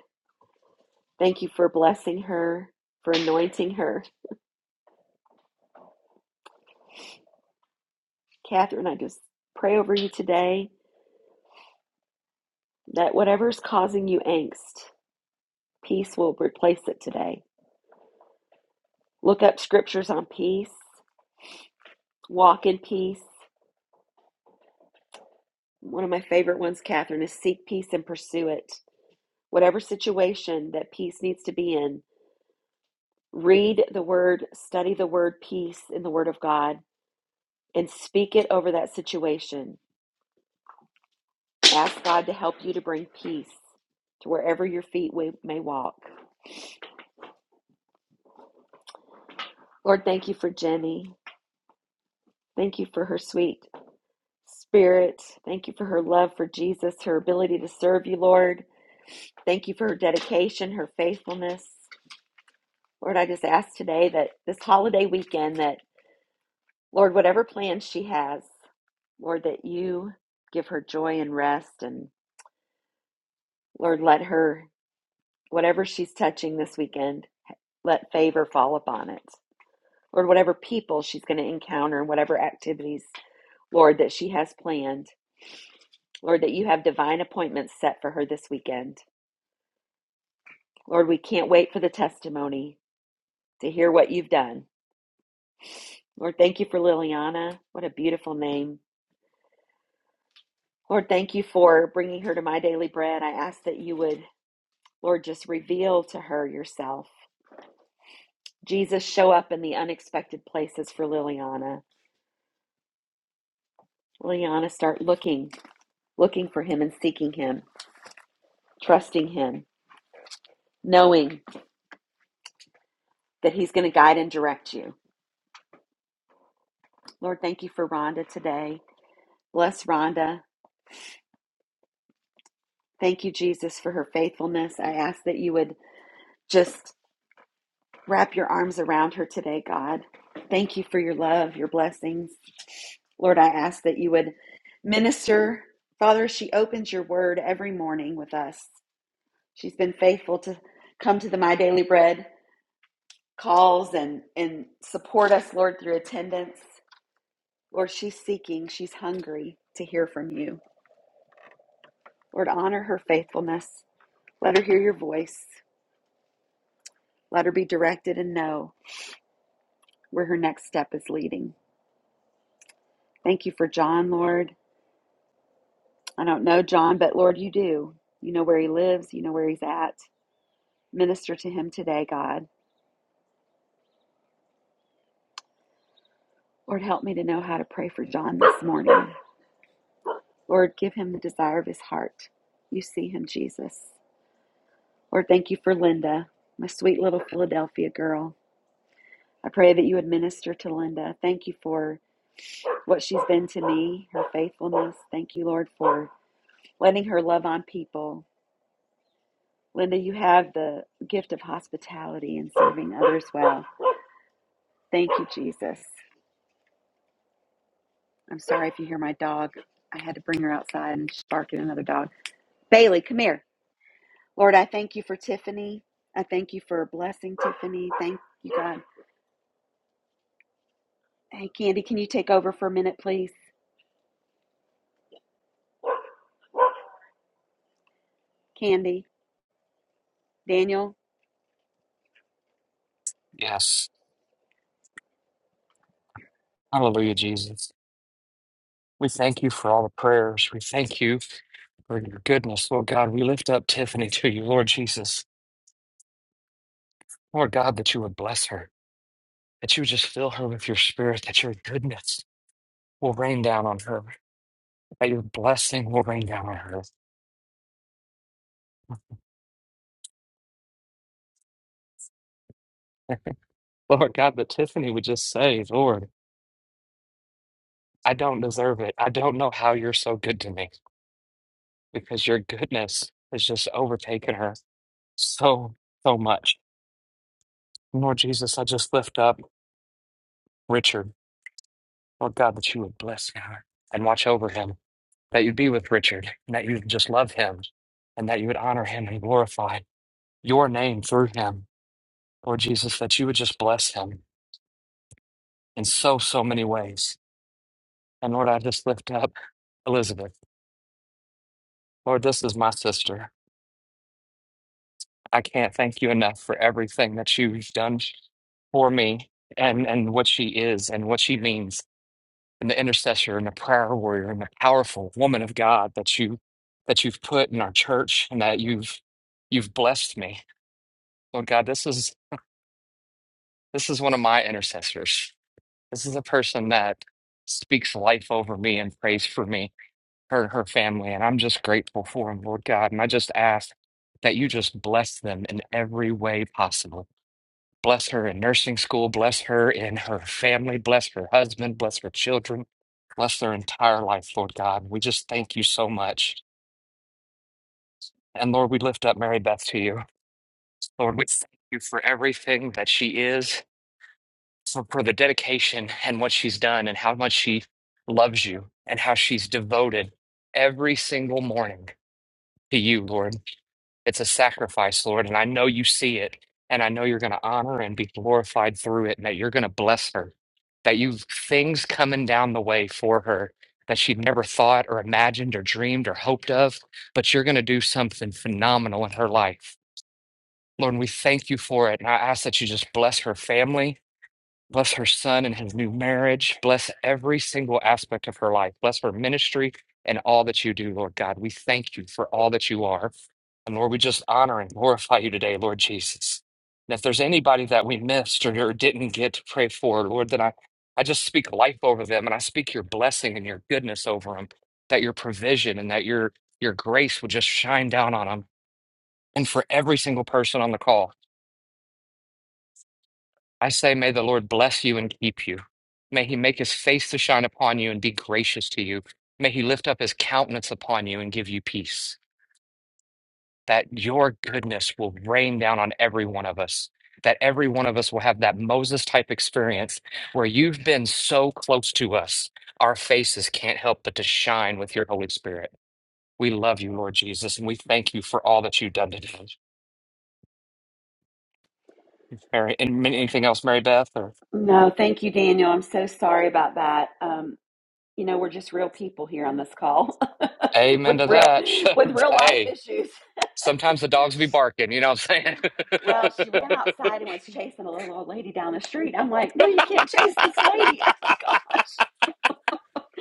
Thank you for blessing her, for anointing her. Catherine, I just pray over you today that whatever's causing you angst, peace will replace it today. Look up scriptures on peace, walk in peace. One of my favorite ones, Catherine, is seek peace and pursue it. Whatever situation that peace needs to be in, read the word, study the word peace in the word of God, and speak it over that situation. Ask God to help you to bring peace to wherever your feet may walk. Lord, thank you for Jenny. Thank you for her sweet Spirit, thank you for her love for Jesus, her ability to serve you, Lord. Thank you for her dedication, her faithfulness. Lord, I just ask today that this holiday weekend, that Lord, whatever plans she has, Lord, that you give her joy and rest. And Lord, let her, whatever she's touching this weekend, let favor fall upon it. Lord, whatever people she's going to encounter and whatever activities, Lord, that she has planned, Lord, that you have divine appointments set for her this weekend. Lord, we can't wait for the testimony to hear what you've done. Lord, thank you for Liliana. What a beautiful name. Lord, thank you for bringing her to my daily bread. I ask that you would, Lord, just reveal to her yourself. Jesus, show up in the unexpected places for Liliana. Liliana, start looking, looking for him and seeking him, trusting him, knowing that he's going to guide and direct you. Lord, thank you for Rhonda today. Bless Rhonda. Thank you, Jesus, for her faithfulness. I ask that you would just Wrap your arms around her today, God. Thank you for your love, your blessings. Lord, I ask that you would minister. Father, she opens your word every morning with us. She's been faithful to come to the My Daily Bread calls and, and support us, Lord, through attendance. Lord, she's seeking, she's hungry to hear from you. Lord, honor her faithfulness. Let her hear your voice. Let her be directed and know where her next step is leading. Thank you for John, Lord. I don't know John, but Lord, you do. You know where he lives, you know where he's at. Minister to him today, God. Lord, help me to know how to pray for John this morning. Lord, give him the desire of his heart. You see him, Jesus. Lord, thank you for Linda, my sweet little Philadelphia girl. I pray that you would minister to Linda. Thank you for what she's been to me, her faithfulness. Thank you, Lord, for letting her love on people. Linda, you have the gift of hospitality and serving others well. Thank you, Jesus. I'm sorry if you hear my dog. I had to bring her outside and she's barking at another dog. Bailey, come here. Lord, I thank you for Tiffany. I thank you for blessing Tiffany. Thank you, God. Hey, Candy, can you take over for a minute, please? Candy, Daniel?
Yes. Hallelujah, Jesus. We thank you for all the prayers. We thank you for your goodness, Lord God. We lift up Tiffany to you, Lord Jesus. Lord God, that you would bless her, that you would just fill her with your spirit, that your goodness. will rain down on her. That your blessing will rain down on her. Lord God, but Tiffany would just say, Lord, I don't deserve it. I don't know how you're so good to me because your goodness has just overtaken her so, so much. Lord Jesus, I just lift up Richard. Lord God, that you would bless him and watch over him, that you'd be with Richard, and that you'd just love him, and that you would honor him and glorify your name through him. Lord Jesus, that you would just bless him in so, so many ways. And Lord, I just lift up Elizabeth. Lord, this is my sister. I can't thank you enough for everything that you've done for me and, and what she is and what she means and the intercessor and the prayer warrior and the powerful woman of God that you that you've put in our church and that you've you've blessed me. Lord God, this is this is one of my intercessors. This is a person that speaks life over me and prays for me her her family and i'm just grateful for them lord god and i just ask that you just bless them in every way possible bless her in nursing school bless her in her family bless her husband bless her children bless their entire life lord god we just thank you so much and lord we lift up mary beth to you lord we thank you for everything that she is for, for the dedication and what she's done and how much she loves you and how she's devoted every single morning to you lord It's a sacrifice, Lord, and I know you see it, and I know you're going to honor and be glorified through it, and that you're going to bless her, that you've things coming down the way for her that she never thought or imagined or dreamed or hoped of, but you're going to do something phenomenal in her life. Lord, and we thank you for it, and I ask that you just bless her family Bless her son and his new marriage. Bless every single aspect of her life. Bless her ministry and all that you do, Lord God. We thank you for all that you are. And Lord, we just honor and glorify you today, Lord Jesus. And if there's anybody that we missed or or didn't get to pray for, Lord, then I, I just speak life over them and I speak your blessing and your goodness over them, that your provision and that your your grace would just shine down on them. And for every single person on the call. I say, may the Lord bless you and keep you. May he make his face to shine upon you and be gracious to you. May he lift up his countenance upon you and give you peace. That your goodness will rain down on every one of us. That every one of us will have that Moses type experience where you've been so close to us, our faces can't help but to shine with your Holy Spirit. We love you, Lord Jesus, and we thank you for all that you've done today. Mary, and anything else, Mary Beth? Or
No, thank you, Daniel. I'm so sorry about that. Um, you know, we're just real people here on this call
amen
with
to
real
that.
with real life
hey.
issues.
Sometimes the dogs be barking, you know what I'm
Well, she
saying?
ran outside and was chasing a little old lady down the street. I'm like, no, you can't chase this lady. Oh my gosh.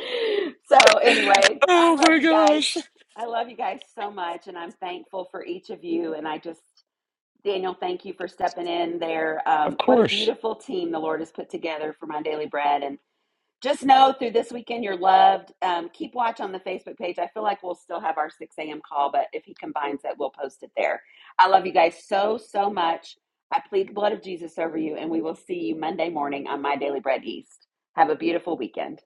so anyway, I
Oh
love
my
you guys.
gosh.
I love you guys so much, and I'm thankful for each of you. And I just, Daniel, thank you for stepping in there.
Of
Um, what a
course.
beautiful team the Lord has put together for my daily bread, and just know through this weekend you're loved. Um, keep watch on the Facebook page. I feel like we'll still have our 6 a.m. call, but if he combines it, we'll post it there. I love you guys so, so much. I plead the blood of Jesus over you, and we will see you Monday morning on My Daily Bread East. Have a beautiful weekend.